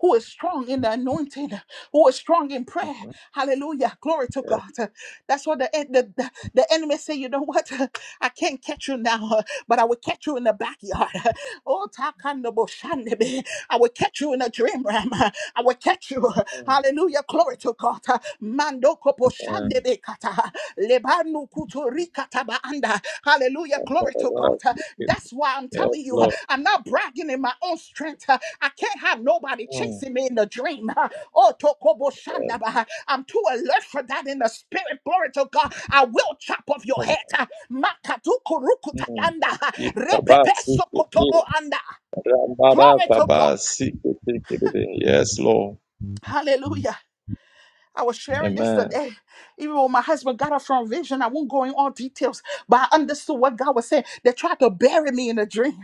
A: Who is strong in the anointing? Who is strong in prayer? Hallelujah! Glory to
C: Yeah,
A: God. That's what the the, the, the enemy say. You know what? I can't catch you now, but I will catch you in the backyard. Oh, takandabo shandebe. I will catch you in a dream realm. I will catch you. Hallelujah! Glory to God. Mando kopo
C: man.
A: shandebe kata. Ebanu kutu rikataba anda. Hallelujah.
C: Oh,
A: Glory to God. Uh, That's why I'm
C: Yes,
A: telling you, uh,
C: Lord.
A: I'm not bragging in my own strength. Uh, I can't have nobody
C: Mm.
A: chasing me in the dream. Uh, Oh, tokobo
C: Yes.
A: shandaba. I'm too alert for that in the spirit. Glory to God. I will chop off your
C: Mm.
A: head. Uh, makatuku
C: Mm.
A: rukutayanda.
C: If
A: Repepe
C: Kabas, we could
A: sokotobo
C: kill.
A: anda. Glory to God.
C: Yes, Lord.
A: Hallelujah. I was sharing
C: Amen.
A: this today, even when my husband got up from vision. I won't go in all details, but I understood what God was saying. They tried to bury me in a dream.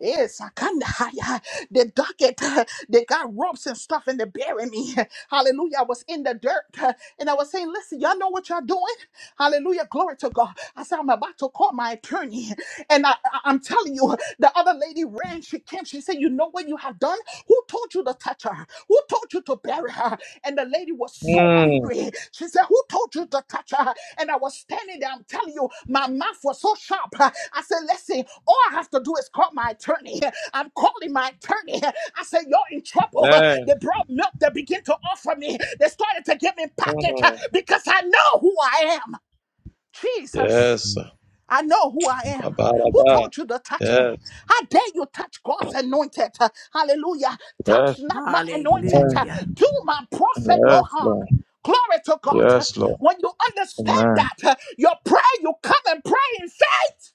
A: Yes, I kind of They dug it. They got ropes and stuff, and they buried me. Hallelujah! I was in the dirt, and I was saying, "Listen, y'all know what y'all doing." Hallelujah! Glory to God. I said, "I'm about to call my attorney," and I, I- I'm telling you, the other lady ran. She came. She said, "You know what you have done? Who told you to touch her? Who told you to?" bury her. And the lady was so
C: Mm.
A: angry. She said, Who told you to touch her? And I was standing there. I'm telling you, my mouth was so sharp. I said, Listen, all I have to do is call my attorney. I'm calling my attorney. I said, You're in trouble. They
C: Man.
A: brought milk. They begin to offer me. They started to give me package
C: Mm.
A: because I know who I am. Jesus.
C: Yes.
A: I know who I am. Who
C: Kabaraba.
A: told you to touch me?
C: Yes.
A: How dare you touch God's anointed? Uh, Hallelujah.
C: Yes.
A: Touch not my anointed. Uh,
C: Amen.
D: Hallelujah.
A: Do my prophet no
C: Yes,
A: harm.
C: Lord.
A: Glory to God. Uh,
C: Yes, Lord.
A: When you understand
C: Amen.
A: that, uh, your prayer, you come and pray in faith.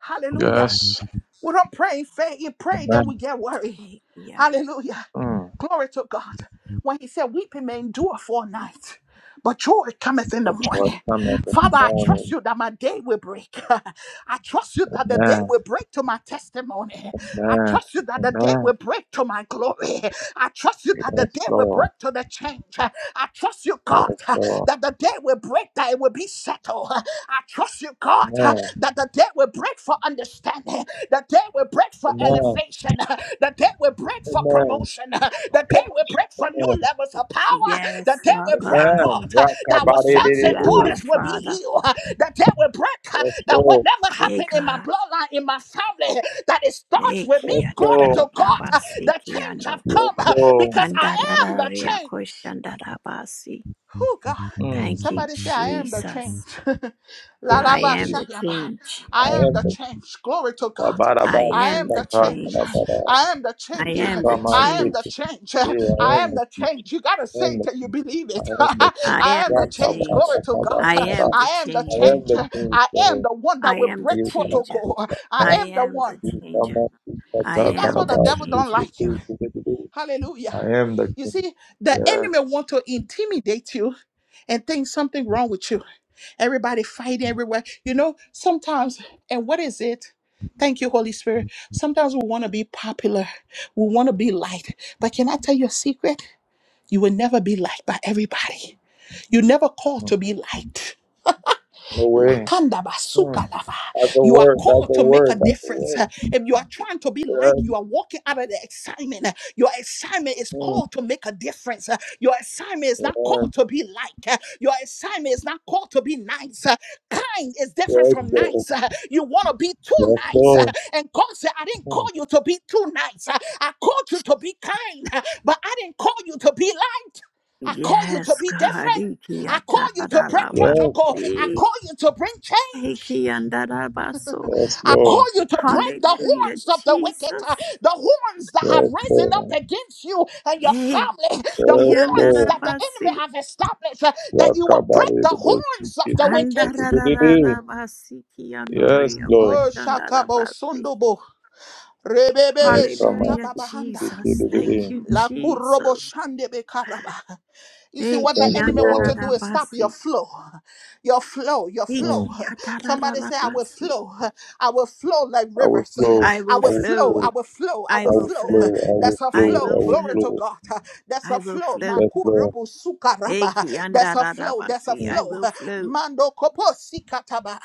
A: Hallelujah.
C: Yes.
A: We don't pray in faith. You pray, then
C: Amen.
A: we get worried.
D: Eh, kia-
A: Hallelujah.
C: Mm.
A: Glory to God. When he said, Weeping may endure for a night, but joy cometh in the
C: But joy
A: morning.
C: cometh in the
A: Father, I trust
C: morning.
A: you that my day will break. I trust you that the day
C: Amen.
A: will break to my testimony. I
C: Amen.
A: trust you that the day
C: Amen.
A: will break to my glory. I trust you that the
C: Yes,
A: day will
C: Lord.
A: break to the change. I trust you, God,
C: Yes, Lord.
A: that the day will break, that it will be settled. I trust you, God, that
C: Amen.
A: the day will break for understanding. The day will break break for
C: Amen.
A: elevation, that they will break for
C: Amen.
A: promotion, that they will break for new
C: Amen.
A: levels of power,
D: Yes,
A: that they
D: Lord
A: will break,
D: God.
A: God,
C: Amen.
A: that
D: We
A: our
D: thank
A: sons
D: you,
A: and
D: Abba
C: Rakabadidididi.
A: daughters will be
D: Father.
A: healed, that they will break,
C: Yes,
A: that
C: Lord.
A: whatever
D: Yay,
A: happened in my
D: God.
A: bloodline, in my family, that it starts
D: Eh,
A: with me.
C: Yes,
D: kia
A: Glory
D: ta ra ra
C: Lord.
A: to
D: ra ba
A: God,
D: si,
A: the
D: kia
A: change have
D: ndo.
C: Yes,
A: come
C: Lord.
A: because I
D: Anda ra
A: am
D: ra ra
A: the
D: ya ko
A: change.
D: sha ra ba si.
A: Oh God.
C: Mm.
D: Thank you,
A: Somebody say, I am the change.
D: Jesus.
A: La
C: Thank
A: la
D: I
C: you,
A: ba
D: am
A: sha
C: Jesus.
D: the
A: ya ba.
D: change.
C: I
A: I am
C: am
A: the
C: the
A: change. Glory to God.
D: I
A: I
D: am
A: am
D: the
A: the change.
D: change.
C: Rabarabasikabakabara.
A: I am the
D: I
A: change.
D: am the
A: I am the
D: change.
C: Ikamasiki.
A: change.
C: I
A: I
C: am
A: am
C: the
A: the
C: chief,
A: change. You gotta
C: I
A: say
C: am
A: it
C: the
A: till you believe
C: I
A: it.
C: am the
D: I
C: king.
A: I am
D: am
A: the
D: the
A: change.
D: change.
A: Glory to God.
D: I
C: Rakabadakabakabara.
D: am the
A: I am the
C: I
D: change.
C: am
A: change.
C: the king.
A: I am
C: Lord.
A: the one that
D: I
A: will
D: am the
A: break
C: You have
D: changer.
A: protocol.
C: to.
A: I
D: I
A: am the
D: am the
A: one.
C: I am
D: changer. I
A: See, that's
D: am
A: what the
D: the
A: devil don't
D: changer.
A: like you. Hallelujah.
C: the
A: You see, the enemy
C: yes.
A: want to intimidate you and think something wrong with you. Everybody fighting everywhere. You know, sometimes, and what is it? Thank you, Holy Spirit. Sometimes we want to be popular. We want to be liked. But can I tell you a secret? You will never be liked by everybody. You never called
C: No
A: to be liked.
C: way.
A: Lakanda basuka lava.
C: That's a
A: You are
C: word. That's a
A: called to make a
C: word. That's a
A: difference. Uh,
C: word.
A: If you are trying to be like,
C: Yes.
A: you are walking out of the assignment. Uh, Your assignment is
C: mm,
A: called to make a difference. Uh, Your assignment is not
C: Yes.
A: called to be like. Uh, Your assignment is not called to be nice. Uh, Kind is different from nice. Uh, You want to be too
C: Yes, Lord. Yes,
A: nice. Uh,
C: Lord.
A: And God said, I didn't call
C: mm,
A: you to be too nice. Uh, I called you to be kind, uh, but I didn't call you to be light. I call you to
D: Yes,
A: be
D: God.
A: different. I call
D: Ikiatarabasi.
A: you to break
C: Yes.
A: protocol. I call you to bring change.
D: Ikiandarabaso.
C: Yes,
A: I call
C: Lord.
A: you to break the
D: Hallelujah,
A: horns of the wicked,
D: Jesus.
A: uh, the horns that have
C: Yes,
A: risen up
C: Lord.
A: against you and your
D: Hey,
A: family, the
C: Yes,
A: horns
C: Lord.
A: that the
D: Kiandarabasi.
A: enemy have established, uh, that you will break
C: Yakabari
A: the
C: dobo
A: horns
C: siki
A: of the wicked.
C: siki dididi.
D: Andarararabasi.
C: Yes, Lord.
A: Oh, Shakabo
D: Kiandoriakoshandarabasi.
A: Sundobo. Rebebebe
C: Yakama
D: Hallelujah,
A: Shatababahanda.
D: Jesus.
C: siki
D: Thank
C: dididi.
D: you,
A: La kurobo
D: Jesus.
A: shande be karaba. You see, what
D: Eki
A: the
C: Thank you,
A: enemy want to
C: Lord.
A: do is stop your
D: atararabasi.
A: flow, your flow, your flow.
C: Mm.
D: Eki
A: Somebody say, I will
D: atararabasi.
A: flow. I will flow like
C: I will
A: rivers.
C: flow.
D: I
A: I
D: will
C: I
A: will
C: will
A: flow.
C: flow.
D: flow.
A: I will flow. I
D: I
C: I I
A: will
D: will
C: will
A: flow.
D: flow.
C: will
A: That's a
D: I
C: flow. I
D: will
A: flow.
C: will
A: Glory
D: flow.
A: to
C: flow.
A: God. That's
D: I
A: a
D: will
A: flow.
C: I
D: flow.
C: will flow.
A: Makurubu sukaraba.
D: Eki
A: That's a flow. That's a
D: andararabasi. I
A: flow.
D: will flow.
A: Mando kopo sikataba.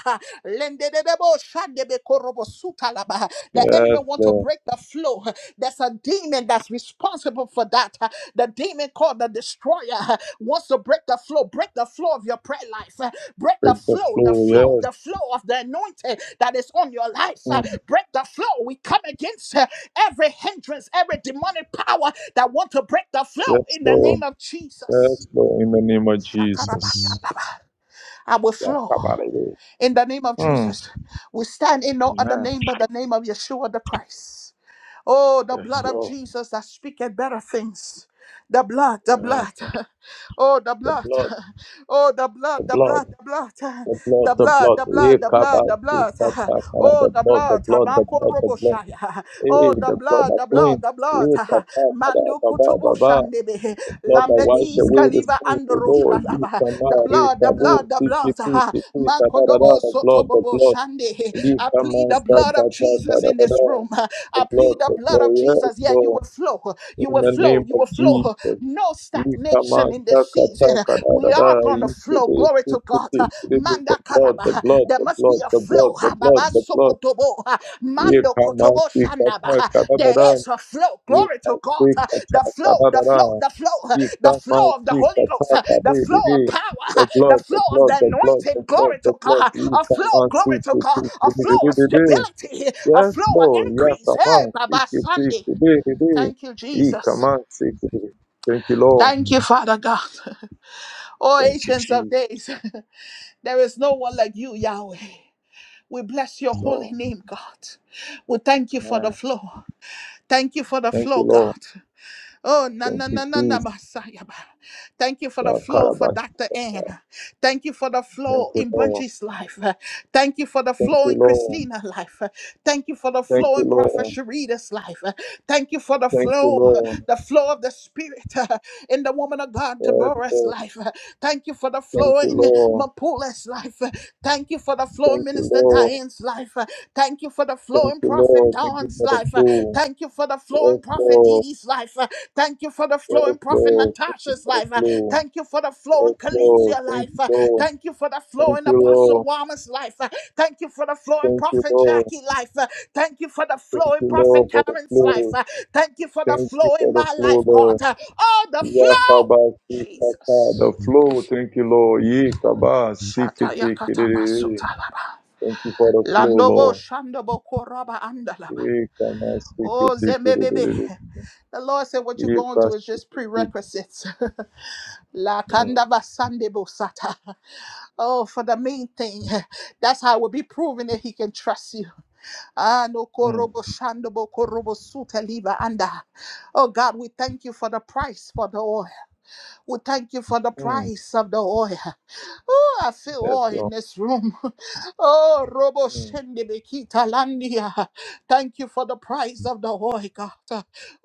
A: Lende debo shande be Talaba. The enemy
C: Yes, Lord. Mm. Yes,
A: want to
C: Lord.
A: break the flow. There's a demon that's responsible for that. The demon called the destroyer wants to break the flow. Break the flow of your prayer life. Break the
C: Break the
A: flow, the
C: flow.
A: flow,
C: Yes.
A: the flow of the anointing that is on your life.
C: Mm.
A: Break the flow. We come against every hindrance, every demonic power that want to break the flow
C: Yes,
A: in the name
C: Lord.
A: of Jesus.
C: Yes, Lord. In the name of Jesus.
A: Shakarabasandaba. I will
C: Yeah,
A: flow.
C: come out of here.
A: In the name of
C: Mm.
A: Jesus, we stand in no other
C: Amen.
A: name but the name of Yeshua the Christ. Oh, the
C: Yes,
A: blood of
C: Lord.
A: Jesus that speaketh better things. The blood, the
C: Yes.
A: blood. Oh, the
C: The
A: blood.
C: blood,
A: Oh, the
C: the
A: blood, the
C: blood,
A: blood, the blood.
C: the blood,
A: The
C: the
A: blood,
C: blood.
A: the
C: Yeah,
A: blood, the
C: come
A: blood,
C: out.
A: the
C: The
A: blood.
C: blood,
A: Oh,
C: the
A: the
C: blood, the
A: blood.
C: blood, the
A: Habako
C: blood, the
A: robo
C: blood.
A: shaya.
C: Hey,
A: Oh, the
C: the blood
A: blood,
C: that
A: the blood,
C: cleans.
A: the blood.
C: Yeah, come out.
A: Mandu
C: Baba,
A: kutubu
C: baba.
A: shandebe.
C: Lord, that why
A: Lambedis
C: should we receive
A: Kariba
C: the sins, O Lord?
A: Androshka
C: You
A: Laba.
C: shall
A: The
C: re
A: blood, the
C: tabu,
A: blood, the
C: fifty,
A: blood.
C: fifty,
A: ah,
C: fifty, da da da da,
A: Mankodobo
C: the blood, the
A: Sotobobo
C: blood,
A: Shande.
C: ye
A: I plead
C: shaman,
A: the
C: da
A: blood
C: da
A: of
C: da da
A: Jesus
C: da
A: in
C: da
A: this
C: da,
A: room.
C: the
A: I
C: blood,
A: plead the
C: the
A: blood of
C: blood, yes,
A: Jesus. Yeah, you
C: Lord,
A: will flow. You
C: in
A: will
C: the
A: flow.
C: name
A: You
C: of
A: will flow.
C: Jesus.
A: No
C: Ye
A: stagnation
C: shaman,
A: in
C: da
A: this
C: da da
A: season.
C: da da
A: We
C: da,
A: are going to
C: ye
A: flow.
C: shaman,
A: Glory to God.
C: the
A: Manda
C: blood, the
A: Karaba.
C: blood,
A: There
C: the
A: must be
C: blood,
A: a
C: the blood,
A: flow.
C: the
A: ha,
C: blood,
A: Baba
C: the blood,
A: Sokotobo. ha,
C: ye
A: Mando
C: shaman,
A: Kotobo
C: da
A: Shandaba.
C: da
A: ha.
C: da da da
A: There
C: da.
A: is a flow.
C: Give
A: Glory to
C: that
A: God.
C: sick
A: ha.
C: a
A: The
C: talk, da
A: flow,
C: da
A: the
C: da
A: flow,
C: da.
A: the flow, ha.
C: Give
A: the
C: that man
A: flow of the
C: sick a
A: Holy Ghost,
C: talk,
A: ha.
C: da da
A: the
C: da
A: flow of
C: da.
A: power,
C: The
A: ha. the
C: blood, the
A: flow of
C: blood,
A: the
C: the blood, the
A: anointing.
C: blood,
A: Glory
C: the
A: to God.
C: blood.
A: ha.
C: You
A: A flow,
C: cannot see
A: glory to God. A flow of
C: it.
A: stability, a
C: Yes,
A: flow of
C: Lord. Yes,
A: increase. Hey,
C: amen.
A: Baba
C: See
A: Sunday.
C: it.
A: Thank you,
C: He command
A: Jesus.
C: commands it. Thank you, Lord.
A: Thank you, Father God. Oh,
C: Thank you,
A: ancients of
C: Jesus.
A: days, there is no one like you, Yahweh. We bless your
C: Lord.
A: holy name, God. We thank you for
C: Yeah.
A: the flow. Thank you for the
C: Thank you,
A: flow,
C: Lord.
A: God. Oh, na
C: Thank
A: na
C: you,
A: na na na,
C: Jesus.
A: Messiah. Thank you for the
C: Yeah,
A: flow for
C: Karabas.
A: Dr. Ann. Thank you for the
C: Thank
A: flow
C: you,
A: in
C: Lord.
A: Bungie's life. Thank you for the
C: Thank
A: flow
C: you,
A: in
C: Lord.
A: Christina's life. Thank you for the
C: Thank
A: flow
C: you,
A: in Prophet
C: Lord.
A: Sharita's life. Thank you for the
C: Thank you,
A: flow,
C: Lord.
A: the flow of the Spirit uh, in the woman of God,
C: Yes, Lord.
A: Deborah's life. Thank you for the
C: Thank
A: flow
C: you,
A: in
C: Lord.
A: Mapula's life. Thank you for the flow, in
C: Thank you,
A: Minister
C: Lord.
A: Diane life. Uh, Thank you for the
C: Thank
A: flowing
C: you,
A: prophet
C: Lord. Thank you
A: Dawn's
C: for the
A: life. Uh,
C: blue.
A: Thank you for the
C: Yes,
A: flowing prophet Dee
C: Lord.
A: Dee's life. Uh, Thank you for the
C: Yes,
A: flowing prophet
C: Lord. Thank you
A: Natasha's
C: for the
A: life. Uh,
C: blue.
A: Thank you for the flowing
C: Yes, Lord.
A: Kalinzia
C: Thank
A: life.
C: you,
A: Uh,
C: Lord.
A: Thank you for the
C: Thank
A: flowing
C: you,
A: Apostle
C: Lord.
A: Wama's life. Uh, Thank you for the flowing
C: Thank you,
A: prophet
C: Lord.
A: Jackie life. Uh, Thank you for the
C: Thank
A: flowing
C: you,
A: prophet
C: Lord, for the
A: Karen's
C: flow.
A: life. Uh, Thank you for the
C: Thank you
A: flow in
C: for the
A: my
C: flow,
A: life, God.
C: Lord.
A: Uh, Oh, the flow.
C: Yakabasi kata.
A: Jesus.
C: The flow. Thank you, Lord. Yekabasi kete kerere.
A: Shatayakatamasutalaba.
C: Thank you for the flow,
A: Landobo
C: Lord.
A: Shandobo Koraba Andalaba.
C: Yekamasi
A: Oh
C: kete
A: Zembebebe.
C: kete.
A: The Lord said what you're going to
C: Yekasi
A: is just
C: kete.
A: prerequisites. La
C: Mm.
A: Kandaba Sandebo Sata. Oh, for the main thing. That's how we'll be proving that he can trust you. Ah, no
C: mm.
A: korobo shandobo korobo suta liba anda. Oh God, we thank you for the price for the oil. We thank you for the
C: Mm,
A: price of the oil. Oh, I feel
C: yes,
A: oil in
C: Lord.
A: this room. Oh, Robo
C: Mm,
A: Shende Bekita Landia. Thank you for the price of the oil, God.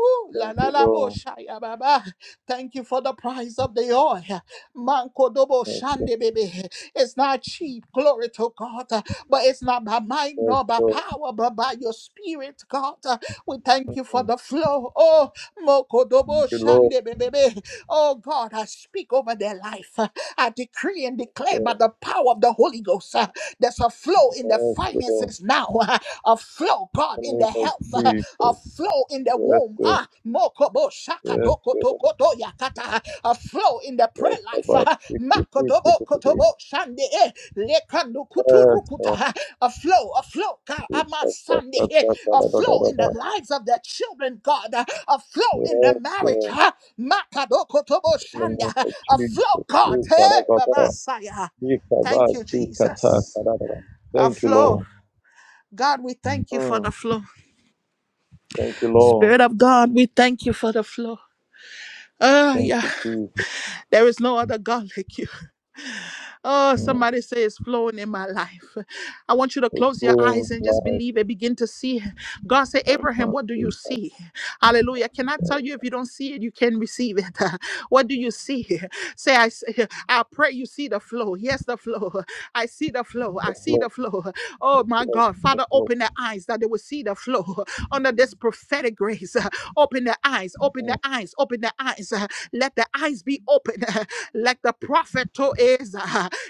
A: Oh, la
C: thank
A: la
C: you,
A: la bo
C: Lord.
A: shaya baba. Thank you for the price of the oil. Manko dobo
C: Yes, yes,
A: shande baby. It's not cheap, glory to God, uh, but it's not by might
C: yes,
A: nor by
C: Lord.
A: power, but by your spirit, God. Uh, We thank you for
C: Mm,
A: the flow. Oh, moko dobo
C: thank you, Lord.
A: shande baby. Oh God, I speak over their life. Uh, I decree and declare by
C: Lord.
A: the power of the Holy Ghost. uh, There's a flow in the
C: Yes, Lord.
A: finances now, a flow, God,
C: In the
A: in the
C: name of
A: health. a
C: Jesus.
A: flow in the
C: Yes,
A: womb.
C: Lord.
A: Ah, mokobo
C: Yes,
A: shakatoko
C: Lord.
A: tokoto yakata. A flow in the prayer
C: Yes,
A: life.
C: about
A: Ah,
C: 50, 50,
A: makotobo
C: 50.
A: kotobo shande eh, lekanu
C: Yes,
A: kuturukuta.
C: Lord.
A: Ah, A flow, a flow, ka
C: Jesus.
A: ama
C: Da, da,
A: sande eh,
C: da,
A: a flow in the lives of the children, God. Ah, A flow
C: Yes,
A: in the
C: Lord. Yes,
A: marriage.
C: Lord.
A: Ah, makadoko tobo
C: In the
A: shanda.
C: name
A: Ah,
C: of
A: A flow,
C: Jesus.
A: God.
C: Yes, da, da,
A: Hey,
C: da,
A: Baba Saya.
C: Yes, da,
A: Thank you,
C: yes, da,
A: Jesus. A
C: Thank you,
A: flow.
C: Lord.
A: God, we thank you for the
C: Mm,
A: flow.
C: thank you, Lord.
A: Spirit of God, we thank you for the flow. Ah,
C: Thank
A: yeah.
C: you, Jesus.
A: There is no other God like you. Oh,
C: Mm,
A: somebody say it's flowing in my life. I want you to
C: it's
A: close your
C: flowing
A: eyes and just
C: life.
A: believe and begin to see. God said,
C: Explode,
A: Abraham,
C: explode,
A: what do you see? Hallelujah. Can I tell
C: explode,
A: you if you don't see it, you can receive it? What do you see? Say, I say, I pray you see the flow. Yes, the flow. I see the flow. I see the flow. Oh my God.
C: explode,
A: Father,
C: explode,
A: open their eyes that they will see the flow under this prophetic grace. Open their eyes, open their eyes, open the eyes. uh, Let the eyes be open. Like the prophet to is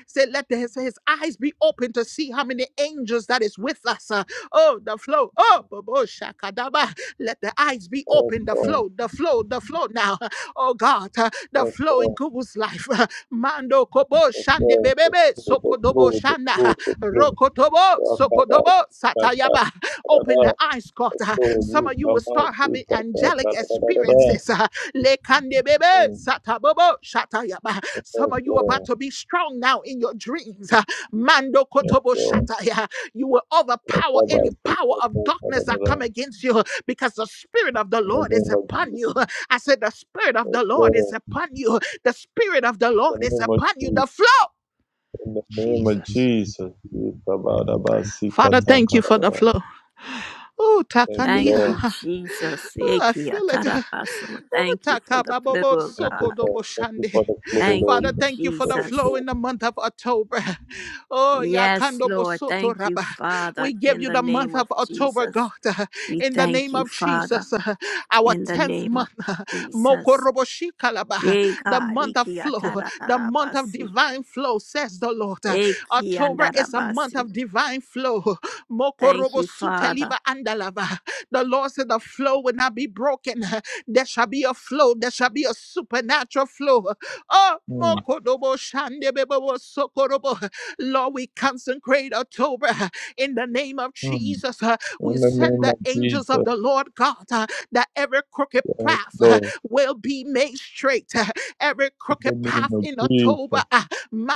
A: said. let his, his eyes be open to see how many angels that is with us. uh, Oh, the flow. Oh, bobo shakadaba. Let the eyes be open. The flow, the flow, the flow now. Oh God, uh, the flow in
C: explode,
A: Google's life. Mando kobo shande
C: explode,
A: bebebe sokodobo
C: explode,
A: shanda
C: explode.
A: rokotobo
C: Rakada,
A: sokodobo
C: rakada,
A: satayaba. Open
C: rakada,
A: the eyes, God. uh,
C: explode,
A: Some
C: you
A: of you will
C: come out,
A: start
C: you
A: having
C: come out,
A: angelic
C: rakada, rakada.
A: experiences. Uh, Lekandebebe, satabobo, shatayaba. Some of you are about
C: Explode,
A: to be strong now in your dreams. Ah, Mando kotobo
C: explode,
A: shataya. You will
C: rakada, you come
A: overpower
C: out,
A: any power of darkness that
C: rakada.
A: come against you because the spirit of the
C: In the
A: Lord is
C: name of
A: upon
C: Jesus,
A: you. I said the spirit of the Lord is
C: explode.
A: upon you. The spirit of the
C: In the
A: Lord is
C: name of
A: upon you.
C: Jesus,
A: The flow.
C: in the name of
A: Jesus.
C: Jesus, you come out,
A: Father,
C: rakada,
A: thank you for the
C: rakada.
A: flow. Oh,
C: Thank you,
D: Thank
C: Lord.
D: you,
A: Takania.
D: Jesus.
A: Oh, I
D: Eki
A: feel it.
D: atarabaso.
A: Ooh,
D: Thank you for the flow,
A: takababobo
D: oh
C: Thank you,
D: God.
C: Lord.
A: sokodobo
C: Thank you
A: shande.
C: for the flow,
D: Thank
C: Lord.
A: Father,
D: you,
C: Thank
A: thank
C: you
A: you for
C: for
A: the
C: the
D: Jesus.
A: flow
C: flow.
A: in the month of October. Oh,
D: Yes,
A: yakandobo
D: Lord.
A: soto
D: Thank you,
A: raba.
D: Father,
A: we give
D: in
A: you
D: the
A: the
D: name
A: month
D: of
A: of October,
D: Jesus.
A: God,
D: We
A: in the
D: thank
A: name
D: you,
A: of
D: Father,
A: Jesus, our
D: in the
A: 10th
D: name of
A: month,
D: Jesus.
A: mokorobo shikalaba.
D: Yea,
A: the
D: God.
A: month of flow, the month of
D: Ikiatarabasi.
A: divine flow, says the Lord. October is a month
D: Ikiandarabasi.
A: of divine flow.
D: Thank
A: Mokorobo
D: you, Father.
A: suteliba andalava. The Lord said the flow will not be broken. There shall be a flow. There shall be a supernatural flow. Oh,
C: Mm,
A: mokodobo shandebebebo sokorobo. Lord, we consecrate October in the name of
C: mm.
A: Jesus. We
C: In the
A: send
C: name
A: the
C: of
A: angels of
C: Jesus,
A: the Lord God uh, that every crooked
C: yes,
A: path uh,
C: Lord.
A: will be made straight. uh, Every
C: In
A: crooked
C: the name
A: path
C: of
A: in October.
C: Jesus,
A: uh,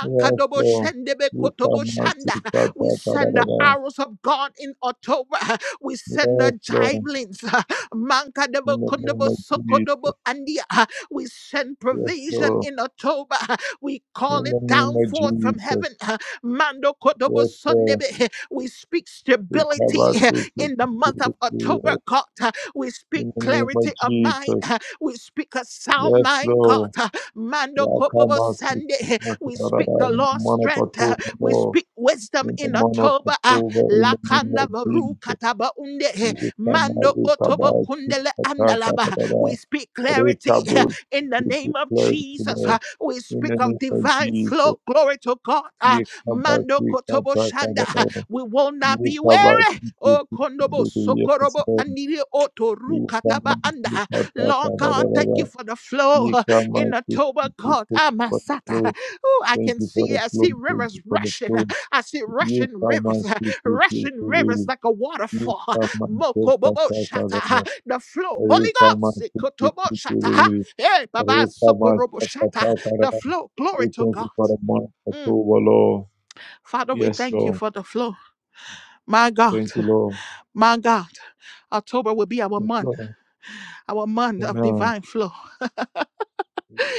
C: yes, Lord.
A: shendebe
C: You
A: kotobo
C: cannot see
A: shanda.
C: that,
A: We
C: that, that, that,
A: send the
C: that, that.
A: arrows of God in October. We send the
C: Yes, Lord.
A: jivelins. uh, Mankadabo,
C: In the name
A: Kundabo,
C: of
A: Sokodobo,
C: Jesus,
A: Andia. uh, We send
C: yes,
A: provision
C: Lord.
A: in October. uh, We call
C: In the
A: it
C: name
A: down
C: of
A: forth from
C: Jesus,
A: heaven. uh, Mando Kodobo
C: yes, Lord.
A: Sundebe. We speak
C: You
A: stability
C: cannot
A: uh,
C: see that, that,
A: in the month
C: that,
A: of
C: that,
A: October,
C: that.
A: God. uh, We speak
C: In the name
A: clarity
C: of
A: of mind.
C: Jesus,
A: uh, We speak a sound
C: yes,
A: mind, God.
C: Lord.
A: uh, Mando
C: Yeah, come
A: Kobobo
C: out, speak,
A: Sunday.
C: da
A: We
C: da
A: speak the
C: da,
A: Lord's strength. uh,
C: monopatone,
A: We
C: Lord.
A: speak wisdom
C: In the
A: in
C: month of
A: October. uh,
C: October, in the name
A: Lakanda
C: of
A: baru
C: Jesus,
A: kataba unde eh,
C: we come
A: mando
C: out with
A: otobo
C: our sins,
A: kundele
C: attack, attack,
A: andalaba. We
C: attack.
A: speak clarity eh,
C: Recover,
A: in the
C: we
A: name of
C: declare
A: Jesus.
C: today,
A: ah. We
C: in the
A: speak of
C: name of
A: divine
C: Jesus,
A: flow. Glory to God. ah.
C: we come out
A: Mando
C: with our
A: kotobo
C: attack,
A: shanda.
C: attack,
A: ah.
C: attack.
A: We will not
C: We
A: be
C: come out
A: weary.
C: with
A: Oh kondobo
C: the yes,
A: sokorobo
C: Lord.
A: aniri oto
C: We come
A: rukataba
C: out
A: anda.
C: with
A: ah.
C: our attack,
A: Lord
C: attack,
A: God,
C: attack,
A: thank you for the flow
C: We
A: ah,
C: come
A: in
C: out with
A: October,
C: the
A: God. Amasata.
C: flow.
A: Oh, I
C: Thank
A: can
C: you for
A: see,
C: the
A: I
C: flow.
A: see
C: Thank
A: rivers
C: you for the
A: rushing. ah.
C: flow.
A: I see
C: You
A: rushing
C: come
A: rivers
C: out with the
A: rushing rivers
C: flow.
A: like a
C: We thank you
A: waterfall.
C: for
A: Mokobobo
C: the
A: shata, the flow. Holy Ghost, ikotobo shata. Hey, Baba sokorobo shata, the flow. Glory to God.
C: month of
A: Mm.
C: October, Lord.
A: Father, we
C: Yes,
A: thank you
C: Lord.
A: for the flow. My
C: Thank you,
A: God,
C: Lord.
A: my God, October will be our
C: Yes,
A: month,
C: Lord.
A: our month of
C: Amen.
A: divine flow.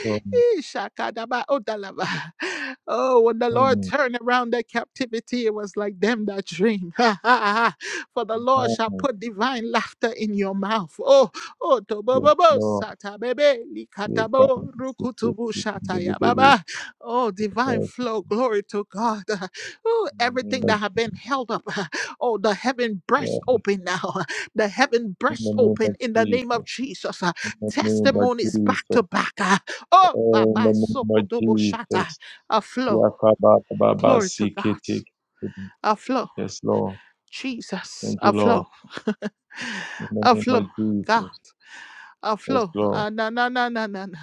C: Lord.
A: Eh, shakadaba odalaba. Oh, when the Lord
C: Mm.
A: turned around their captivity, it was like them that dream. For the Lord shall
C: Amen.
A: put divine laughter in your mouth. Oh, oh,
C: Yes,
A: tobobobo,
C: Lord.
A: sata bebe,
C: We thank
A: likatabo,
C: you for
A: rukutubu,
C: the
A: shataya baba. Oh, divine
C: Yes,
A: flow, glory to God. Oh,
C: In the name
A: everything that
C: of
A: have
C: Jesus.
A: been held up. Oh, the heaven burst
C: Yes,
A: open now. The heaven
C: In the
A: burst
C: name
A: open
C: of
A: in the name of
C: Jesus.
A: Jesus. Uh,
C: In the name of
A: Testimonies back to
C: Jesus.
A: back. Oh,
C: Oh, In the
A: Baba
C: name of
A: Sokodobo Shata,
C: Jesus.
A: a flow. Glory to God.
C: Yakabatababasikitik.
A: A flow.
C: Yes, Lord.
A: Jesus,
C: Thank you,
A: a
C: Lord.
A: flow.
C: In the
A: A
C: name
A: flow.
C: of
A: God,
C: Jesus.
A: a
C: Yes,
A: flow.
C: Lord.
A: Ah, na, na, na, na, na, na.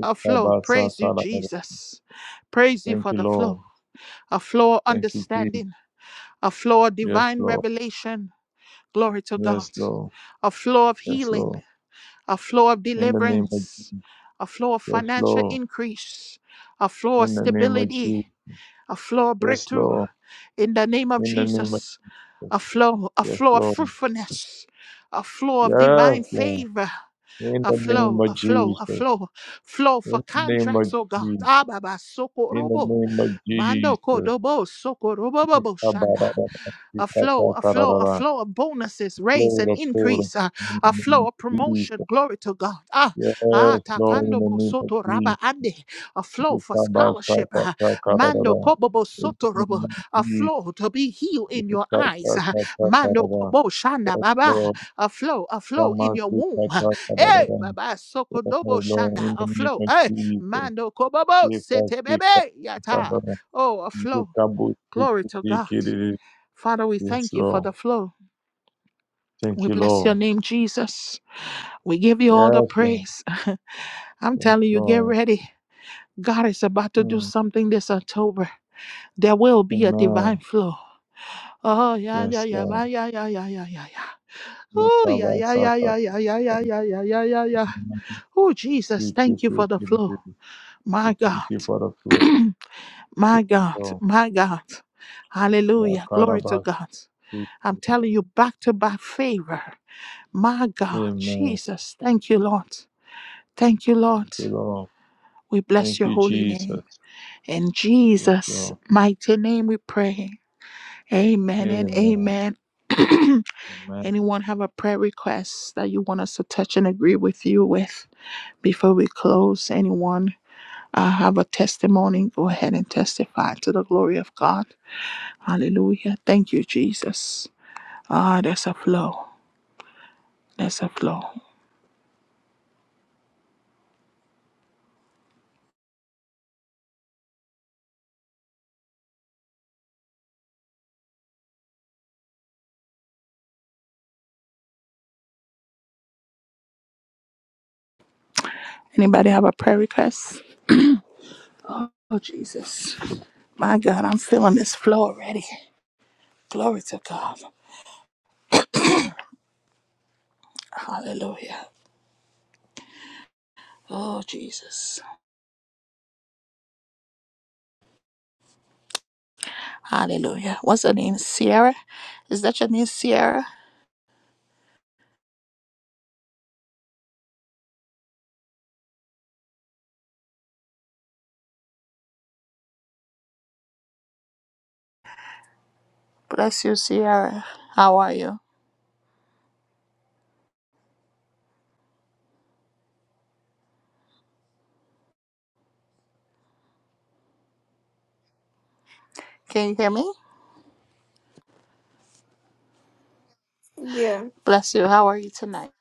A: A flow. Praise you, Jesus. Praise you
C: Thank
A: for
C: you,
A: the flow.
C: Lord.
A: A flow of
C: Thank you, Jesus.
A: understanding. A flow of
C: Yes,
A: divine
C: Lord.
A: revelation. Glory to
C: Yes,
A: God.
C: Lord.
A: A flow of
C: Yes,
A: healing.
C: Lord.
A: A flow of
C: In the name of
A: deliverance. A flow of
C: Yes,
A: financial
C: Lord.
A: increase. A flow of
C: In the name of
A: stability.
C: Jesus.
A: A flow of
C: Yes,
A: breakthrough
C: Lord.
A: in the name of
C: In the name of
A: Jesus.
C: Jesus.
A: A flow, a
C: Yes,
A: flow of
C: Lord.
A: fruitfulness, a flow of divine
C: Yes, Lord.
A: favor,
C: In
A: a
C: the name
A: flow,
C: of
A: a flow, a
C: Jesus.
A: flow, flow for
C: In the name
A: contracts,
C: of
A: oh God.
C: Jesus.
A: Ababa
C: In the
A: sokorobo,
C: name of
A: mando
C: Jesus.
A: kodobo sokorobobo shanda a flow, a flow, a
C: Ikabadabadabadabadabada.
A: flow of bonuses, raise
C: Lord,
A: and
C: the flow
A: increase, uh,
C: the in
A: a
C: the name
A: flow
C: of
A: of promotion.
C: Jesus.
A: Glory to God. Ah, ah,
C: Yes, Lord, in
A: takando
C: the
A: bo
C: name of
A: soto raba
C: Jesus.
A: ande, a flow for scholarship. uh, mando
C: Ikabasakasakadadada.
A: kobo bo
C: In the
A: soto
C: name
A: robo,
C: of
A: a
C: Jesus.
A: flow to be healed in your eyes. uh, mando
C: Ikasakasakadadada.
A: kobo shanda
C: Yes,
A: baba,
C: Lord.
A: a flow, a flow in your womb. Hey,
C: Ikamasikasakadadada.
A: Baba
C: Yes,
A: Sokodobo
C: Lord,
A: Shanda,
C: in the
A: a
C: name
A: flow.
C: of
A: Hey,
C: Jesus.
A: Mando Kobobo, Sete Bebe, Yata.
C: Ikasikasakadadada.
A: Oh, a flow. Glory to God.
C: Ikabusikikiriri.
A: Father, we
C: Yes,
A: thank you for
C: Lord.
A: the flow.
C: Thank
A: We
C: you,
A: bless your
C: Lord.
A: name, Jesus. We give you all the
C: Yes, Lord.
A: praise. I'm
C: Yes,
A: telling you, get
C: Lord.
A: ready. God is about to
C: Hmm.
A: do something this October. There will be a
C: Amen.
A: divine flow. Oh, yeah, yeah,
C: Yes,
A: yeah,
C: Lord.
A: ma- yeah, yeah, yeah, yeah, yeah, yeah.
C: We
A: Oh, yeah,
C: cover
A: yeah,
C: South
A: yeah, yeah, yeah, yeah, yeah,
C: Africa.
A: yeah, yeah, yeah, yeah, yeah. Oh, Jesus,
C: We keep
A: thank you for
C: it, keep
A: the
C: it,
A: flow.
C: keep it.
A: My
C: We Thank you
A: God.
C: for the flow.
A: my God.
C: Lord.
A: My God.
C: We are
A: Hallelujah.
C: caught
A: Glory to
C: about
A: God.
C: it.
A: I'm telling you, back to back favor. My God.
C: Amen.
A: Jesus. Thank you, Lord. Thank you,
C: Thank
A: Lord.
C: you, Lord.
A: We bless
C: Thank
A: your
C: you,
A: holy
C: Jesus.
A: name. In
C: Yes,
A: Jesus'
C: Lord.
A: mighty name we pray. Amen and
C: Amen.
A: amen.
C: Amen.
A: Anyone have a prayer request that you want us to touch and agree with you with before we close? Anyone? I have a testimony. Go ahead and testify to the glory of God. Hallelujah. Thank you, Jesus. Ah, there's a flow. There's a flow. Anybody have a prayer request? Oh, Jesus. My God, I'm feeling this flow already. Glory to God. Hallelujah. Oh, Jesus. Hallelujah. What's her name? Sierra? Is that your name, Sierra? Bless you, Sierra. How are you? Can you hear me?
E: Yeah,
A: Bless you. How are you tonight?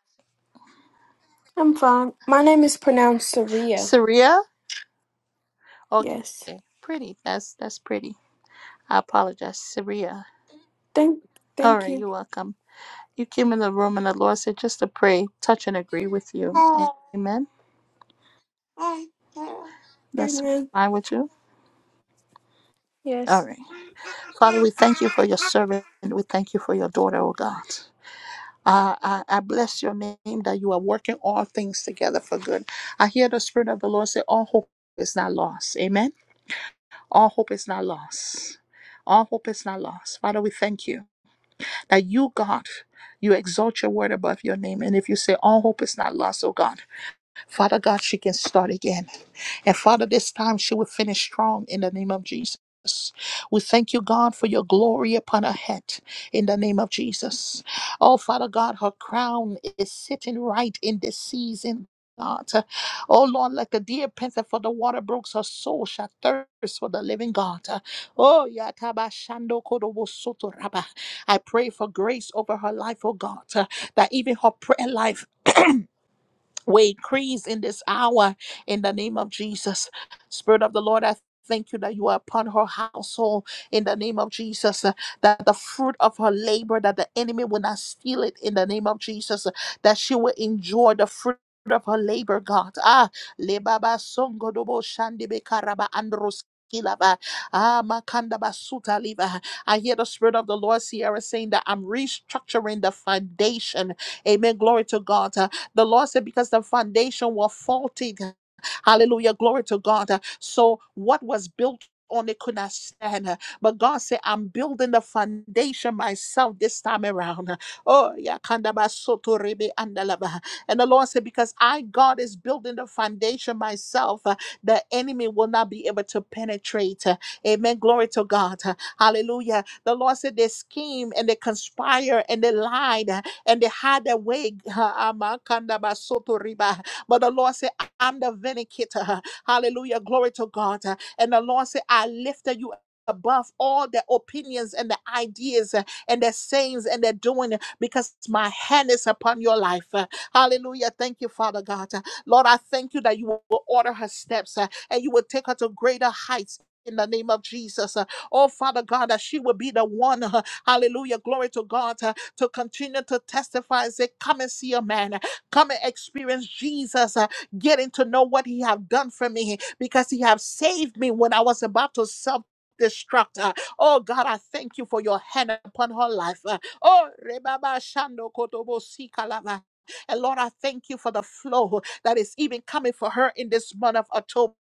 E: I'm fine. My name is pronounced Saria.
A: Saria?
E: Yes.
A: Okay, pretty. That's that's pretty. I apologize, Syria.
E: Thank
A: All
E: thank
A: right,
E: you.
A: you're welcome. You came in the room, and the Lord said just to pray, touch, and agree with you. Amen. That's
E: Amen.
A: fine with you. All
E: Yes.
A: right, Father, we thank you for your servant. We thank you for your daughter, oh God. I, I, I bless your name that you are working all things together for good. I hear the Spirit of the Lord say, All hope is not lost. Amen. All hope is not lost. All hope is not lost. Father, we thank you. that you, God, you exalt your word above your name. And if you say all hope is not lost, oh God, Father God, she can start again. And Father, this time she will finish strong in the name of Jesus. We thank you, God, for your glory upon her head in the name of Jesus. Oh, Father God, her crown is sitting right in this season. God. Oh Lord, like the deer panteth for the water brooks, her soul shall thirst for the living God. Oh, Yataba Shando Kodobo Soto Raba. I pray for grace over her life, oh God, that even her prayer life we increase in this hour in the name of Jesus. Spirit of the Lord, I thank you that you are upon her household in the name of Jesus. uh, That the fruit of her labor, that the enemy will not steal it in the name of Jesus. uh, That she will enjoy the fruit. Of her labor, God. Ah, lebaba songo dobo shandebe karaba andros kilaba. Ah, makanda basuta liba. I hear the spirit of the Lord, Sierra, saying that I'm restructuring the foundation. Amen. Glory to God the Lord said, because the foundation was faulty. Hallelujah. Glory to God. So what was built on it could not stand. But God said, I'm building the foundation myself this time around. Oh, yeah. kandaba soto rebe andalaba. And the Lord said, Because I, God, is building the foundation myself, uh, the enemy will not be able to penetrate. Uh, Amen. Glory to God. Uh, Hallelujah. The Lord said, They scheme and they conspire and they lied and they had their way. Amakandabasotoriba. But the Lord said, I'm the vindicator. Hallelujah. Glory to God. And the Lord said, I lifted you above all the opinions and the ideas uh, and the sayings and the doing uh, because my hand is upon your life. Uh, Hallelujah. Thank you, Father God. Uh, Lord, I thank you that you will order her steps uh, and you will take her to greater heights. In the name of Jesus. Uh, Oh, Father God, that she will be the one, uh, hallelujah, glory to God, uh, to continue to testify and say, Come and see a man. Come and experience Jesus. uh, Getting to know what he have done for me because he have saved me when I was about to self destruct. Uh, oh God, I thank you for your hand upon her life. Uh, oh, Rebaba Shando Kotobo Sikalava. And Lord, I thank you for the flow that is even coming for her in this month of October.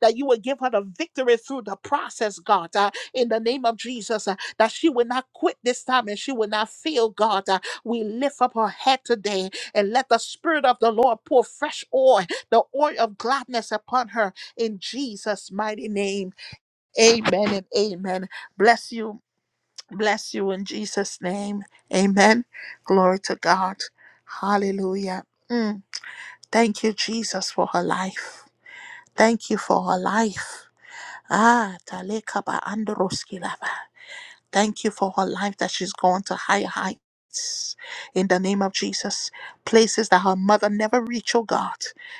A: That you will give her the victory through the process, God, uh, in the name of Jesus that she will not quit this time and she will not fail, God. Uh, we lift up her head today and let the Spirit of the Lord pour fresh oil, the oil of gladness upon her in Jesus' mighty name. Amen and amen. Bless you. Bless you in Jesus' name. Amen. Glory to God. Hallelujah. Mm. Thank you, Jesus, for her life. Thank you for her life. Ah, taleka ba androskilaba. Thank you for her life that she's gone to higher heights. In the name of Jesus, places that her mother never reached, oh God,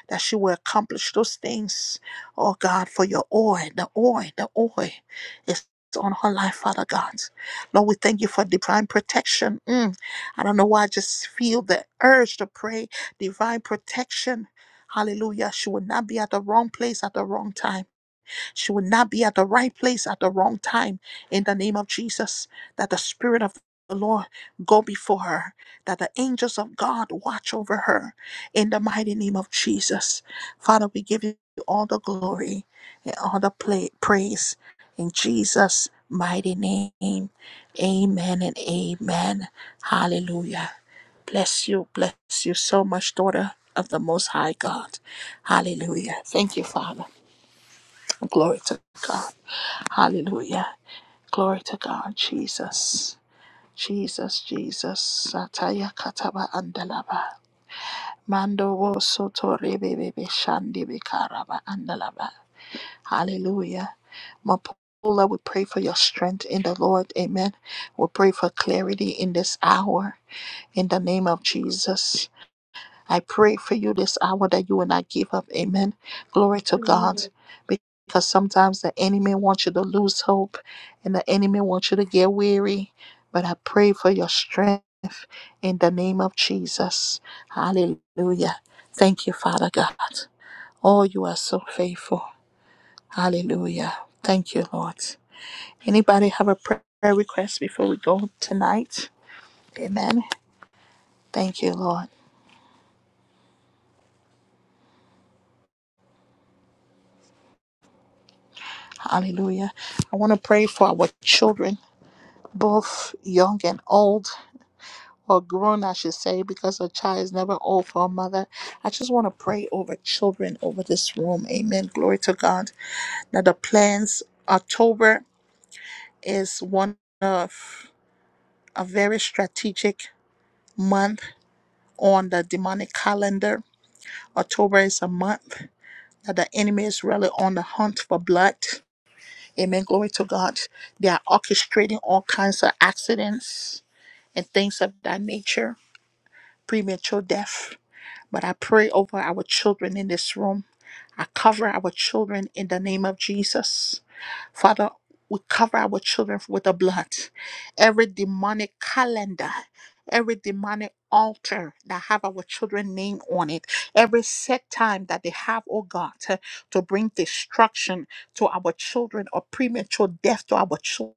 A: that she will accomplish those things. Oh God, for your oil, the oil, the oil is on her life, Father God. Lord, we thank you for divine protection. Mm, I don't know why I just feel the urge to pray divine protection. Hallelujah. She will not be at the wrong place at the wrong time. She will not be at the right place at the wrong time. In the name of Jesus, that the Spirit of the Lord go before her, that the angels of God watch over her. In the mighty name of Jesus, Father, we give you all the glory and all the pla- praise in Jesus' mighty name. Amen and amen. Hallelujah. Bless you, bless you so much, daughter of the Most High God. Hallelujah. Thank you, Father. Glory to God. Hallelujah. Glory to God. Jesus. Jesus, Jesus. Sataya kataba andalaba. Mando wo soto rebe bebe shandi be karaba andalaba. Hallelujah. Mapula, we pray for your strength in the Lord. Amen. We pray for clarity in this hour. In the name of Jesus. I pray for you this hour that you will not give up. Amen. Glory to God. Because sometimes the enemy wants you to lose hope and the enemy wants you to get weary. But I pray for your strength in the name of Jesus. Hallelujah. Thank you, Father God. Oh, you are so faithful. Hallelujah. Thank you, Lord. Anybody have a prayer request before we go tonight? Amen. Thank you, Lord. Hallelujah. I want to pray for our children. both young and old, or grown, I should say, because a child is never old for a mother. I just want to pray over children over this room. Amen. Glory to God. Now, the plans, October is one of a very strategic month on the demonic calendar. October is a month that the enemy is really on the hunt for blood. Amen. Glory to God. They are orchestrating all kinds of accidents and things of that nature premature death. But I pray over our children in this room. I cover our children in the name of Jesus. Father, we cover our children with the blood. Every demonic calendar, every demonic altar that have our children name on it, every set time that they have, oh God, to to bring destruction to our children or premature death to our children.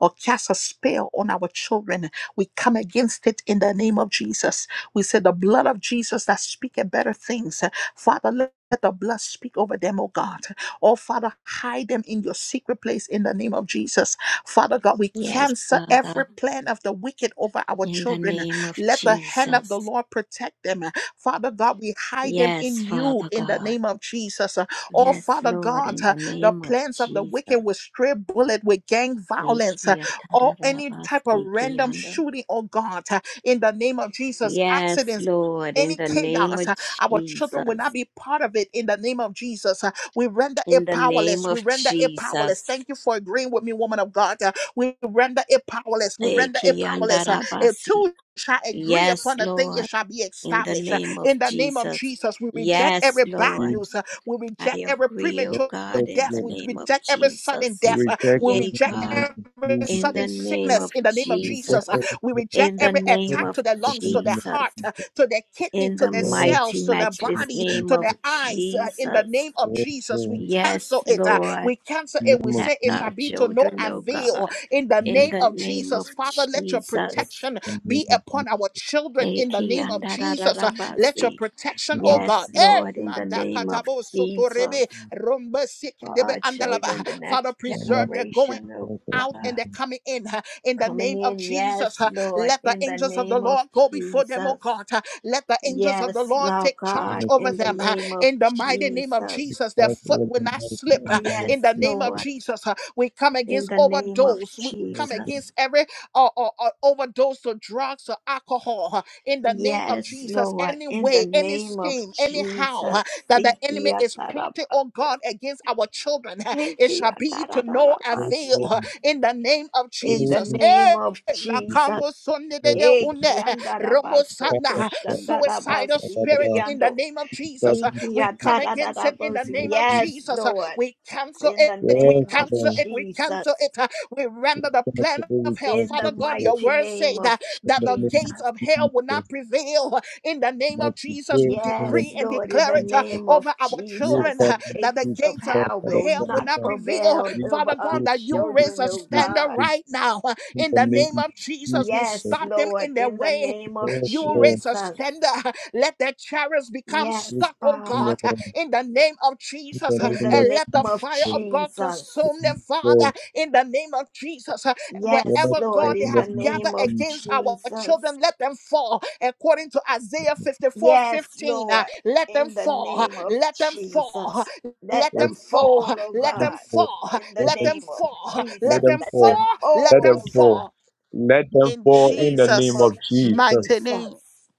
A: or cast a spell on our children. We come against it in the name of Jesus. We say the blood of Jesus that speaketh better things. Father, let the blood speak over them, oh God. Oh, Father, hide them in your secret place in the name of Jesus. Father God, we
D: Yes,
A: cancel every
D: Father,
A: plan of the wicked over our
D: in the
A: children.
D: name of
A: Let the hand of the
D: Jesus.
A: Lord protect them. Father God, we hide them
D: Yes,
A: in you
D: Father
A: in the
D: God.
A: name of Jesus. Oh,
D: Yes,
A: Father
D: Lord,
A: God,
D: in
A: uh,
D: the
A: the
D: name of
A: plans of the wicked
D: Jesus.
A: with stray bullet, with gang violence, uh, or any type of random
D: Ekiyatararabasikiando.
A: shooting, oh God, uh, in the name of Jesus,
D: Yes,
A: accidents.
D: Lord, in
A: Any
D: the name
A: chaos,
D: of
A: uh, our children will not
D: Jesus.
A: be part of it in the name of Jesus. We render it
D: In the name
A: powerless. We
D: of
A: render it powerless.
D: Jesus.
A: Thank you for agreeing with me, woman of God. Uh, we render it powerless. We render it powerless. Uh, if
D: Ekiyandarabasi.
A: two shall agree
D: Yes,
A: upon a thing, it
D: Lord,
A: shall be
D: in the
A: established. Uh,
D: name of
A: in the name of
D: Jesus.
A: Jesus, we reject
D: Yes,
A: every bad
C: Keep
D: Lord.
A: news. Uh, we
D: I
A: reject every
D: agree, O
C: it,
A: premature
D: God, in
A: death.
D: the
C: Lord.
A: We
D: name of
A: reject every sudden
D: Jesus.
C: We
A: death. Uh,
C: reject
A: we
C: it
D: Yea,
C: in the
A: reject
C: name
D: God,
A: every
C: of
D: in
C: Jesus.
D: the
A: sudden
D: name
A: sickness
D: of
A: in the name of
C: We reject
A: Jesus. Uh,
D: Jesus.
C: every
A: we
C: form
A: reject
D: In
C: of
D: the
A: every
C: sin
D: name
A: attack to
D: of
A: the lungs,
C: in
A: to
C: the
A: the
C: name of
D: Jesus.
A: heart
C: Jesus.
A: to their kidney,
D: In
A: to
D: the
A: their
C: Yes,
D: mighty,
A: cells, to their
C: in the name
D: matchless
A: body,
C: of
D: name
A: to
D: of
A: their
C: Jesus.
A: eyes. uh, in the
D: Jesus.
A: name of
C: Yes,
A: Jesus, we
C: Lord.
D: Yes,
A: cancel it. uh,
D: Lord.
A: we cancel
C: In
A: it.
C: the
A: We
C: name of
D: Protect
A: say it
C: Jesus.
A: shall
D: our
A: be to no
D: children, O
A: avail.
D: God,
A: In
C: In
A: the
C: the name
D: in
C: of
A: name
D: the
A: of
D: name of
A: Jesus, Father, let your
D: Jesus.
A: protection
C: Jesus. In the name of Jesus.
A: be
C: In the name
A: upon our children. In the name of Jesus, uh, let your
D: Ekiandarararabasi.
A: protection,
C: of Jesus.
A: oh God.
D: Yes,
A: Eh,
D: Lord, in the name of
A: mandakatabo
D: Jesus,
A: sotorebe, rombe
D: for
A: sekedebe
D: our children,
A: andalaba.
D: the
A: Father,
D: next
C: Shabbat shalom.
A: preserve their going
D: generation of
A: out and
D: God
A: they're coming in uh, in the name
D: coming
A: of
D: in.
A: Jesus.
D: Yes,
A: uh,
D: Lord,
A: Let the
D: in the
A: angels of the
D: name
A: Lord
D: of
A: go before them, oh
D: Jesus.
A: God. huh. Let the angels of the
D: Yes,
A: Lord
D: Lord
A: take charge
D: God,
C: Mercy,
A: over
D: in the
A: them uh,
D: name of
A: in the mighty name of
D: Jesus.
A: Jesus. Their
C: Christ,
A: foot
C: Lord,
A: will not slip
C: the
A: uh,
C: name of
A: in the
D: Yes,
A: name of
D: Lord,
C: Jesus.
A: Jesus. uh, We come
D: in
A: against
D: the name of
A: overdose. We come
C: Mercy,
D: Jesus.
A: against every uh, uh, uh, overdose of drugs or alcohol uh, in the name of
D: Yes,
A: Jesus.
D: Lord,
A: Any
D: in the
A: way, any
D: name of
A: scheme, anyhow uh,
D: Jesus.
A: that the
D: Seek ye
A: enemy
D: a
A: is plotting,
D: tarabas-
A: oh God, against our children, uh, it shall be to no
C: to
A: avail
C: Lord,
A: uh,
C: and
A: in the name of
D: In
C: Savior,
D: the
A: Jesus.
C: in
A: Eh,
D: name of
A: la
D: Jesus.
C: Jesus.
A: kamo sonde de de
C: Mercy,
A: une.
D: Eki
A: huh?
D: andarabaso
C: Father, God,
A: Romosanda,
C: God,
A: suicidal
C: God,
D: koshandarabasi
C: God,
A: spirit
C: God.
A: in the
D: kiyando.
A: name of
C: God,
A: Jesus. Uh,
C: we
D: Iki
C: seek
A: We
C: you in
A: come against it in the
D: atararabosi.
C: the name of
A: name of
C: Jesus.
D: Yes,
A: Jesus. Uh,
D: Lord.
A: We cancel
D: In
A: it,
D: the
A: we
D: name
C: Yes,
D: of
A: cancel it, we
D: Jesus.
A: cancel it. Uh, We render the
C: So
A: plan of hell.
D: In the
A: Father God, your
D: mighty
A: word
D: name
A: say
D: of
A: that,
C: In
A: that
C: the
A: the
C: name
A: gates
D: Jesus.
A: of
C: of
A: hell will not
C: Jesus.
A: prevail. In the name of
C: Mercy, Lord,
A: Jesus,
C: in
A: we
C: the name of
D: Yes,
A: decree and
D: Lord, in
A: declare
D: the
A: it uh,
D: name of
A: over our
C: You
D: Jesus,
A: children
C: can
A: uh,
D: the
A: that
D: gates
A: the
C: speak,
D: of
A: gates of
C: Father,
D: hell
C: Father,
D: will
A: Hell will
C: Father,
D: not
A: not
C: Father.
A: prevail,
D: prevail
C: We
D: over
A: Father
C: can
D: our
A: God. That
C: speak,
A: you
C: speak,
A: raise
D: children,
A: a
C: speak,
D: oh
A: standard
D: God.
A: right now uh,
C: in
A: in
C: the
A: the name
C: name of
A: of
C: Jesus.
A: Jesus. We
D: Yes,
A: stop them
D: Lord,
A: in their
D: in the
A: way
D: name of
C: Yes,
A: you
C: Lord.
A: raise a
D: Jesus.
A: standard. Let the chariots become
C: Yes,
D: Yes,
A: stuck, oh
C: in
D: Father.
C: the
A: God,
C: in
A: in the name of Jesus.
C: the
D: in
C: in
D: the
C: the
A: And let the
D: name of
A: fire
C: yes,
A: of God
D: Jesus.
A: consume them, Father,
C: so
A: in the name of Jesus. And
C: yes,
D: Yes,
A: wherever,
D: Lord,
A: God,
C: so
A: they
C: in
D: in the
A: have gathered
D: name of
C: the
A: against our
D: Jesus.
A: children, let them fall. According to Isaiah 54:15.
D: Yes, Lord,
A: let them
D: in the
A: fall.
D: name of
A: Let them fall.
D: Jesus. Let
A: Let them
D: them
C: yes,
D: fall,
A: fall.
D: oh
C: let
A: Let
C: them
A: them
D: God,
C: fall.
A: fall.
D: in the
C: Let
A: Let
C: them
A: them
D: name of
A: fall.
C: let
D: Jesus.
A: Let them
C: them
D: Let
C: fall.
D: them
A: fall. Let
C: Let
D: fall,
A: them
C: them
D: oh
C: fall.
D: God,
A: fall.
C: Let them
A: In
D: in
C: fall
D: the
C: in the
D: name
C: name
A: Jesus'
C: of
D: of
C: Jesus.
A: mighty name.
D: Jesus.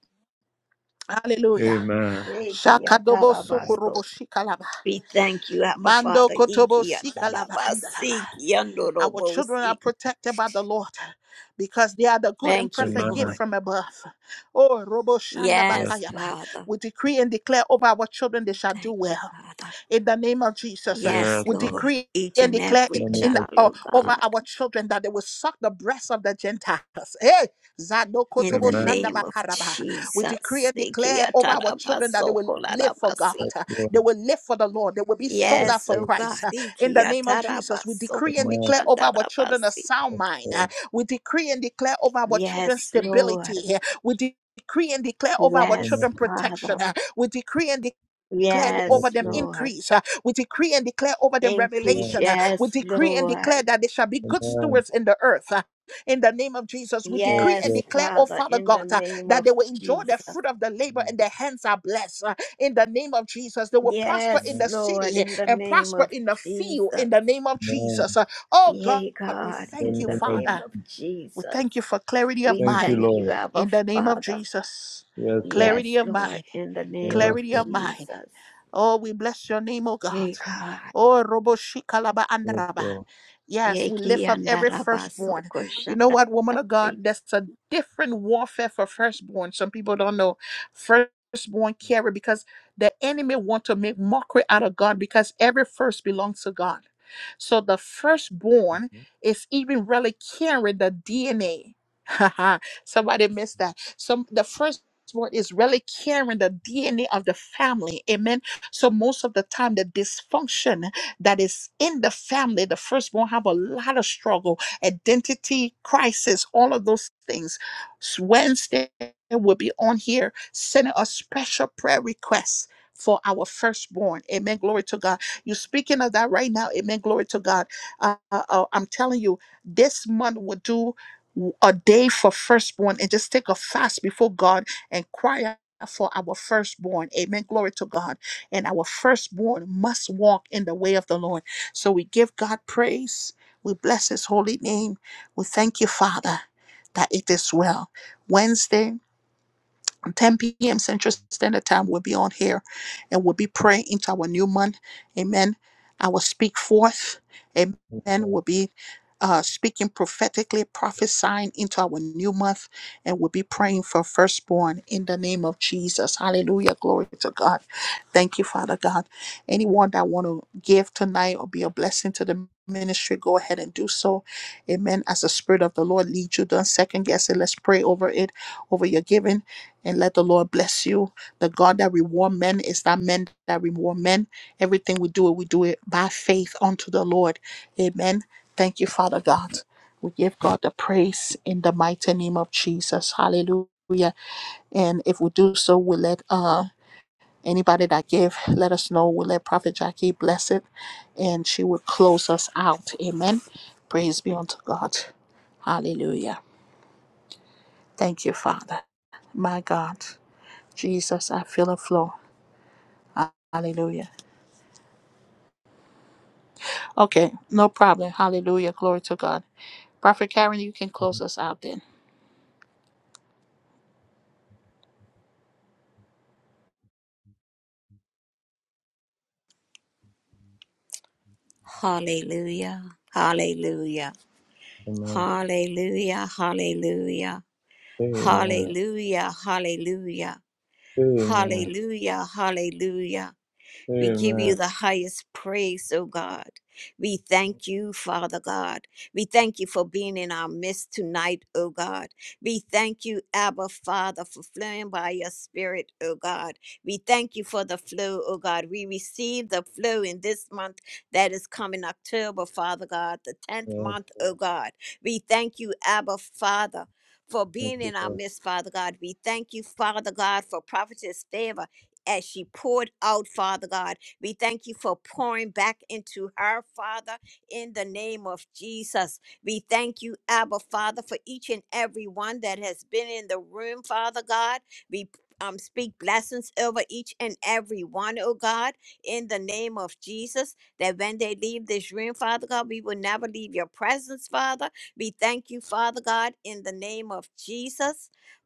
A: Hallelujah.
C: Amen.
D: Ikia
A: Shakadobo
C: Amen.
D: tarabaso.
A: sokorobo shikalaba.
D: We thank you, Abba
A: Mando
D: Father.
A: kotobo
D: Ikia
A: sikalaba andalaba.
D: tarabasi,
A: Our children are
D: kiandorobosi.
A: protected by the Lord because they are the good and
D: Thank you,
A: perfect gift
C: Amen.
D: Lord.
A: from above. Oh, Robo shanda
C: Yes.
D: Yes,
A: bakayaba!
D: Father.
A: We decree and declare over our children they shall do
D: Thank you,
A: well
D: Father.
A: in the name of Jesus. uh,
D: Yes,
C: Yes.
A: We
C: Lord.
D: Lord,
A: decree
D: each
A: and
D: and
A: declare
C: In
A: it
D: every
C: the name
A: in
C: of
D: child,
A: uh,
D: oh
C: Jesus.
A: over
D: God,
A: our children that they will suck the breasts of the Gentiles. Hey,
D: in the
A: Zadokotobo
C: Amen.
D: name of
A: Shandabakaraba. We decree
D: Jesus.
A: and declare over our children that they will live for God.
D: Ikiatarabasokolarabasi.
C: Yes.
A: uh,
C: Lord.
A: They will live for the Lord. They will be sold
C: Yes.
A: out
D: Yes,
A: for
D: oh God.
A: Christ. uh, In the name of Jesus, we decree and
C: Lord. Amen.
A: declare over our children a
D: Ikiatarabasokoshandarabasi.
A: sound
C: Yes.
A: mind. uh,
C: Lord.
A: We decree and declare over our children
D: Yes, Lord.
A: stability. uh, We de- Decree and declare over our
C: Amen. Yes. Lord. Amen.
D: Yes,
A: children protection.
D: Father.
A: uh, We decree and declare
C: Amen. Yes.
A: over
D: Yes,
A: them
D: Lord.
A: increase. uh, We decree and declare over them
D: Increase.
C: Lord.
A: revelation. uh, We
D: Yes,
A: decree and declare
D: Lord.
A: that they shall be good stewards in the earth. uh, In the name of Jesus, we decree
D: Yes,
A: and declare, oh
D: Father,
A: Father
D: in the
A: God, uh,
D: name
A: that
D: of
A: they will enjoy the
D: Jesus.
A: fruit of the labor and their hands are blessed. uh, In the name of Jesus, they will prosper in
D: Yes,
A: the
C: Amen.
D: Lord,
A: city uh,
D: in the
A: and
D: name
A: prosper
D: of
A: in the field.
D: Jesus.
A: In the name of Jesus,
C: Amen.
A: Uh, oh God,
D: Yea,
A: we
D: God,
C: In the
A: thank
D: in
A: you,
D: the
C: name of
D: name
C: Jesus.
A: Father.
D: of
A: We
D: Jesus.
A: thank you for clarity of
D: We
C: Thank you,
A: mind.
D: thank you,
C: Lord.
D: Abba
A: In the name of
D: Father.
A: Jesus,
C: Yes, Lord.
A: clarity
D: Yes,
A: of
D: Lord,
A: mind,
D: in the name of
C: Yes,
A: clarity of
C: Lord.
A: mind.
D: Jesus.
A: Oh, we bless your name, oh God.
D: Yea, God.
A: Oh, Robo Shikalaba
C: Yes,
A: Andaraba.
C: Lord.
A: Yes,
D: Yea,
A: we
D: ki
A: lift up every firstborn.
D: andarabasoko
A: You know what, woman of
D: shandarabasi.
A: God? That's a different warfare for firstborn. Some people don't know. Firstborn carry because the enemy want to make mockery out of God because every first belongs to God. So the firstborn is even really carrying the DNA. Somebody missed that. Some the firstborn is really carrying the DNA of the family. Amen so most of the time, the dysfunction that is in the family, the firstborn have a lot of struggle, identity crisis, all of those things. Wednesday will be on here sending a special prayer request. For our firstborn. Amen. Glory to God. You're speaking of that right now. Amen. Glory to God. Uh, uh, uh, I'm telling you, this month will do a day for firstborn and just take a fast before God and cry out for our firstborn. Amen. Glory to God and our firstborn must walk in the way of the Lord. So we give God praise. We bless his holy name. We thank you, Father, that it is well. Wednesday, 10 p.m. Central Standard Time, we'll be on here and we'll be praying into our new month. Amen. I will speak forth. Amen.
C: Yes,
A: We'll be uh, speaking prophetically, prophesying into our new month, and we'll be praying for firstborn in the name of Jesus. Hallelujah. Glory to God. Thank you, Father God. Anyone that want to give tonight or be a blessing to the ministry, go ahead and do so. Amen. As the Spirit of the Lord leads you, don't second guess it. Let's pray over it over your giving and let the Lord bless you. The God that reward men is that men that reward men. Everything we do, we do it by faith unto the Lord. Amen. Thank you, Father God. We give God the praise in the mighty name of Jesus. Hallelujah and if we do so we'll let uh anybody that give let us know we'll let prophet jackie bless it and she will close us out amen praise be unto god hallelujah thank you father my god Jesus, I feel a flow. Hallelujah. Okay, no problem. Hallelujah. Glory to God. Prophet Karen, you can close us out then.
D: Hallelujah. Hallelujah.
C: Amen.
D: Hallelujah. Hallelujah.
C: Amen.
D: Hallelujah, hallelujah,
C: Amen.
D: hallelujah, hallelujah. We give you
C: Amen.
D: the highest praise, O God. We thank you, Father God. We thank you for being in our midst tonight, O God. We thank you, Abba Father, for flowing by your Spirit, O God. We thank you for the flow, O God. We receive the flow in this month that is coming October, Father God, the 10th
C: Yeah,
D: month, O God. We thank you, Abba Father. For
C: Thank
D: being
C: you.
D: in our midst, Father God. We thank you, Father God, for prophetess favor as she poured out, Father God. We thank you for pouring back into her, Father, in the name of Jesus. We thank you, Abba, Father, for each and every one that has been in the room, Father God. We um, speak blessings over each and every one, oh God, in the name of Jesus, that when they leave this room, Father God, we will never leave your presence, Father. We thank you, Father God, in the name of Jesus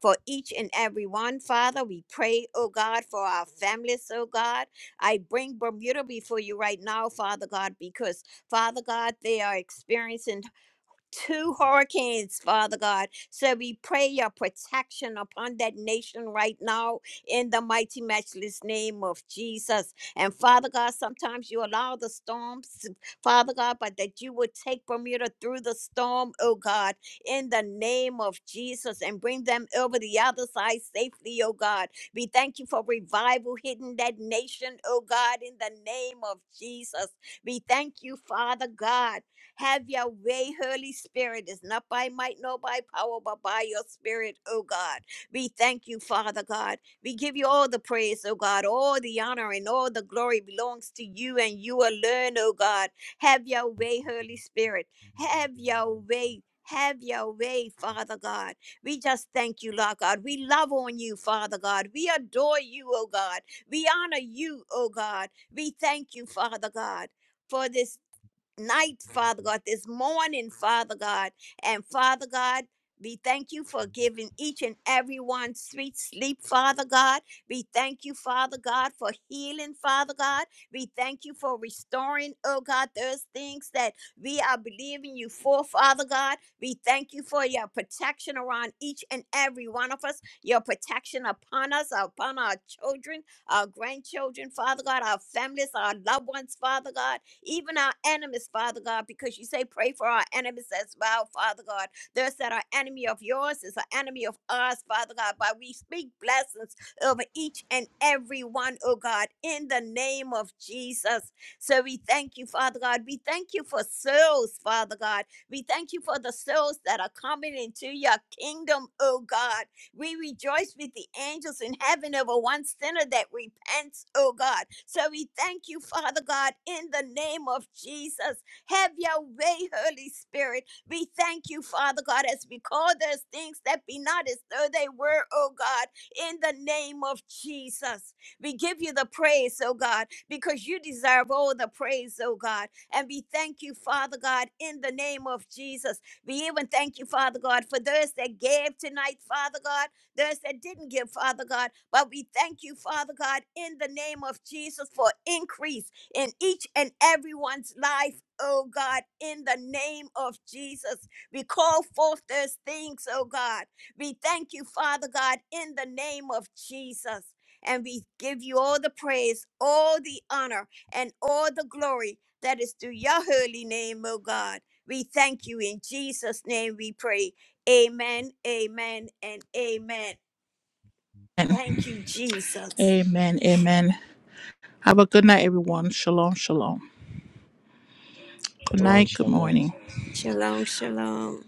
D: for each and every one, Father. We pray, oh God, for our families, oh God. I bring Bermuda before you right now, Father God, because, Father God, they are experiencing two hurricanes, Father God. So we pray your protection upon that nation right now in the mighty, matchless name of Jesus. And Father God, sometimes you allow the storms, Father God, but that you would take Bermuda through the storm, oh God, in the name of Jesus and bring them over the other side safely, oh God. We thank you for revival hitting that nation, oh God, in the name of Jesus. We thank you, Father God. Have your way, Holy Spirit. It's not by might nor by power, but by your spirit, oh God. We thank you, Father God. We give you all the praise, oh God. All the honor and all the glory belongs to you and you alone, oh God. Have your way, Holy Spirit. Have your way. Have your way, Father God. We just thank you, Lord God. We love on you, Father God. We adore you, oh God. We honor you, oh God. We thank you, Father God, for this night, Father God, this morning, Father God. And Father God, we thank you for giving each and every one sweet sleep, Father God. We thank you, Father God, for healing, Father God. We thank you for restoring, oh God, those things that we are believing you for, Father God. We thank you for your protection around each and every one of us, your protection upon us, upon our children, our grandchildren, Father God, our families, our loved ones, Father God even our enemies, Father God, because you say, pray for our enemies as well, Father God. There's that our enemy of yours is an enemy of ours, Father God, but we speak blessings over each and every one, oh God, in the name of Jesus. So we thank you, Father God. We thank you for souls, Father God. We thank you for the souls that are coming into your kingdom, oh God. We rejoice with the angels in heaven over one sinner that repents, oh God. So we thank you, Father God, in the name of Jesus. Have your way, Holy Spirit. We thank you, Father God, as we call those things that be not as though they were, oh God, in the name of Jesus. We give you the praise, oh God, because you deserve all the praise, oh God. And we thank you, Father God, in the name of Jesus we even thank you, Father God, for those that gave tonight, Father God, those that didn't give, Father God. But we thank you, Father God, in the name of Jesus for increase in each and everyone's life. Oh God, in the name of Jesus, we call forth those things, oh God. We thank you, Father God, in the name of Jesus. And we give you all the praise, all the honor, and all the glory that is through your holy name, O God. We thank you in Jesus' name we pray. Amen, amen, and amen. Thank you, Jesus.
A: Amen. Amen. Have a good night, everyone. Shalom. Shalom. Good
C: Shalom,
A: night. Good
C: shalom.
A: morning.
D: Shalom, shalom.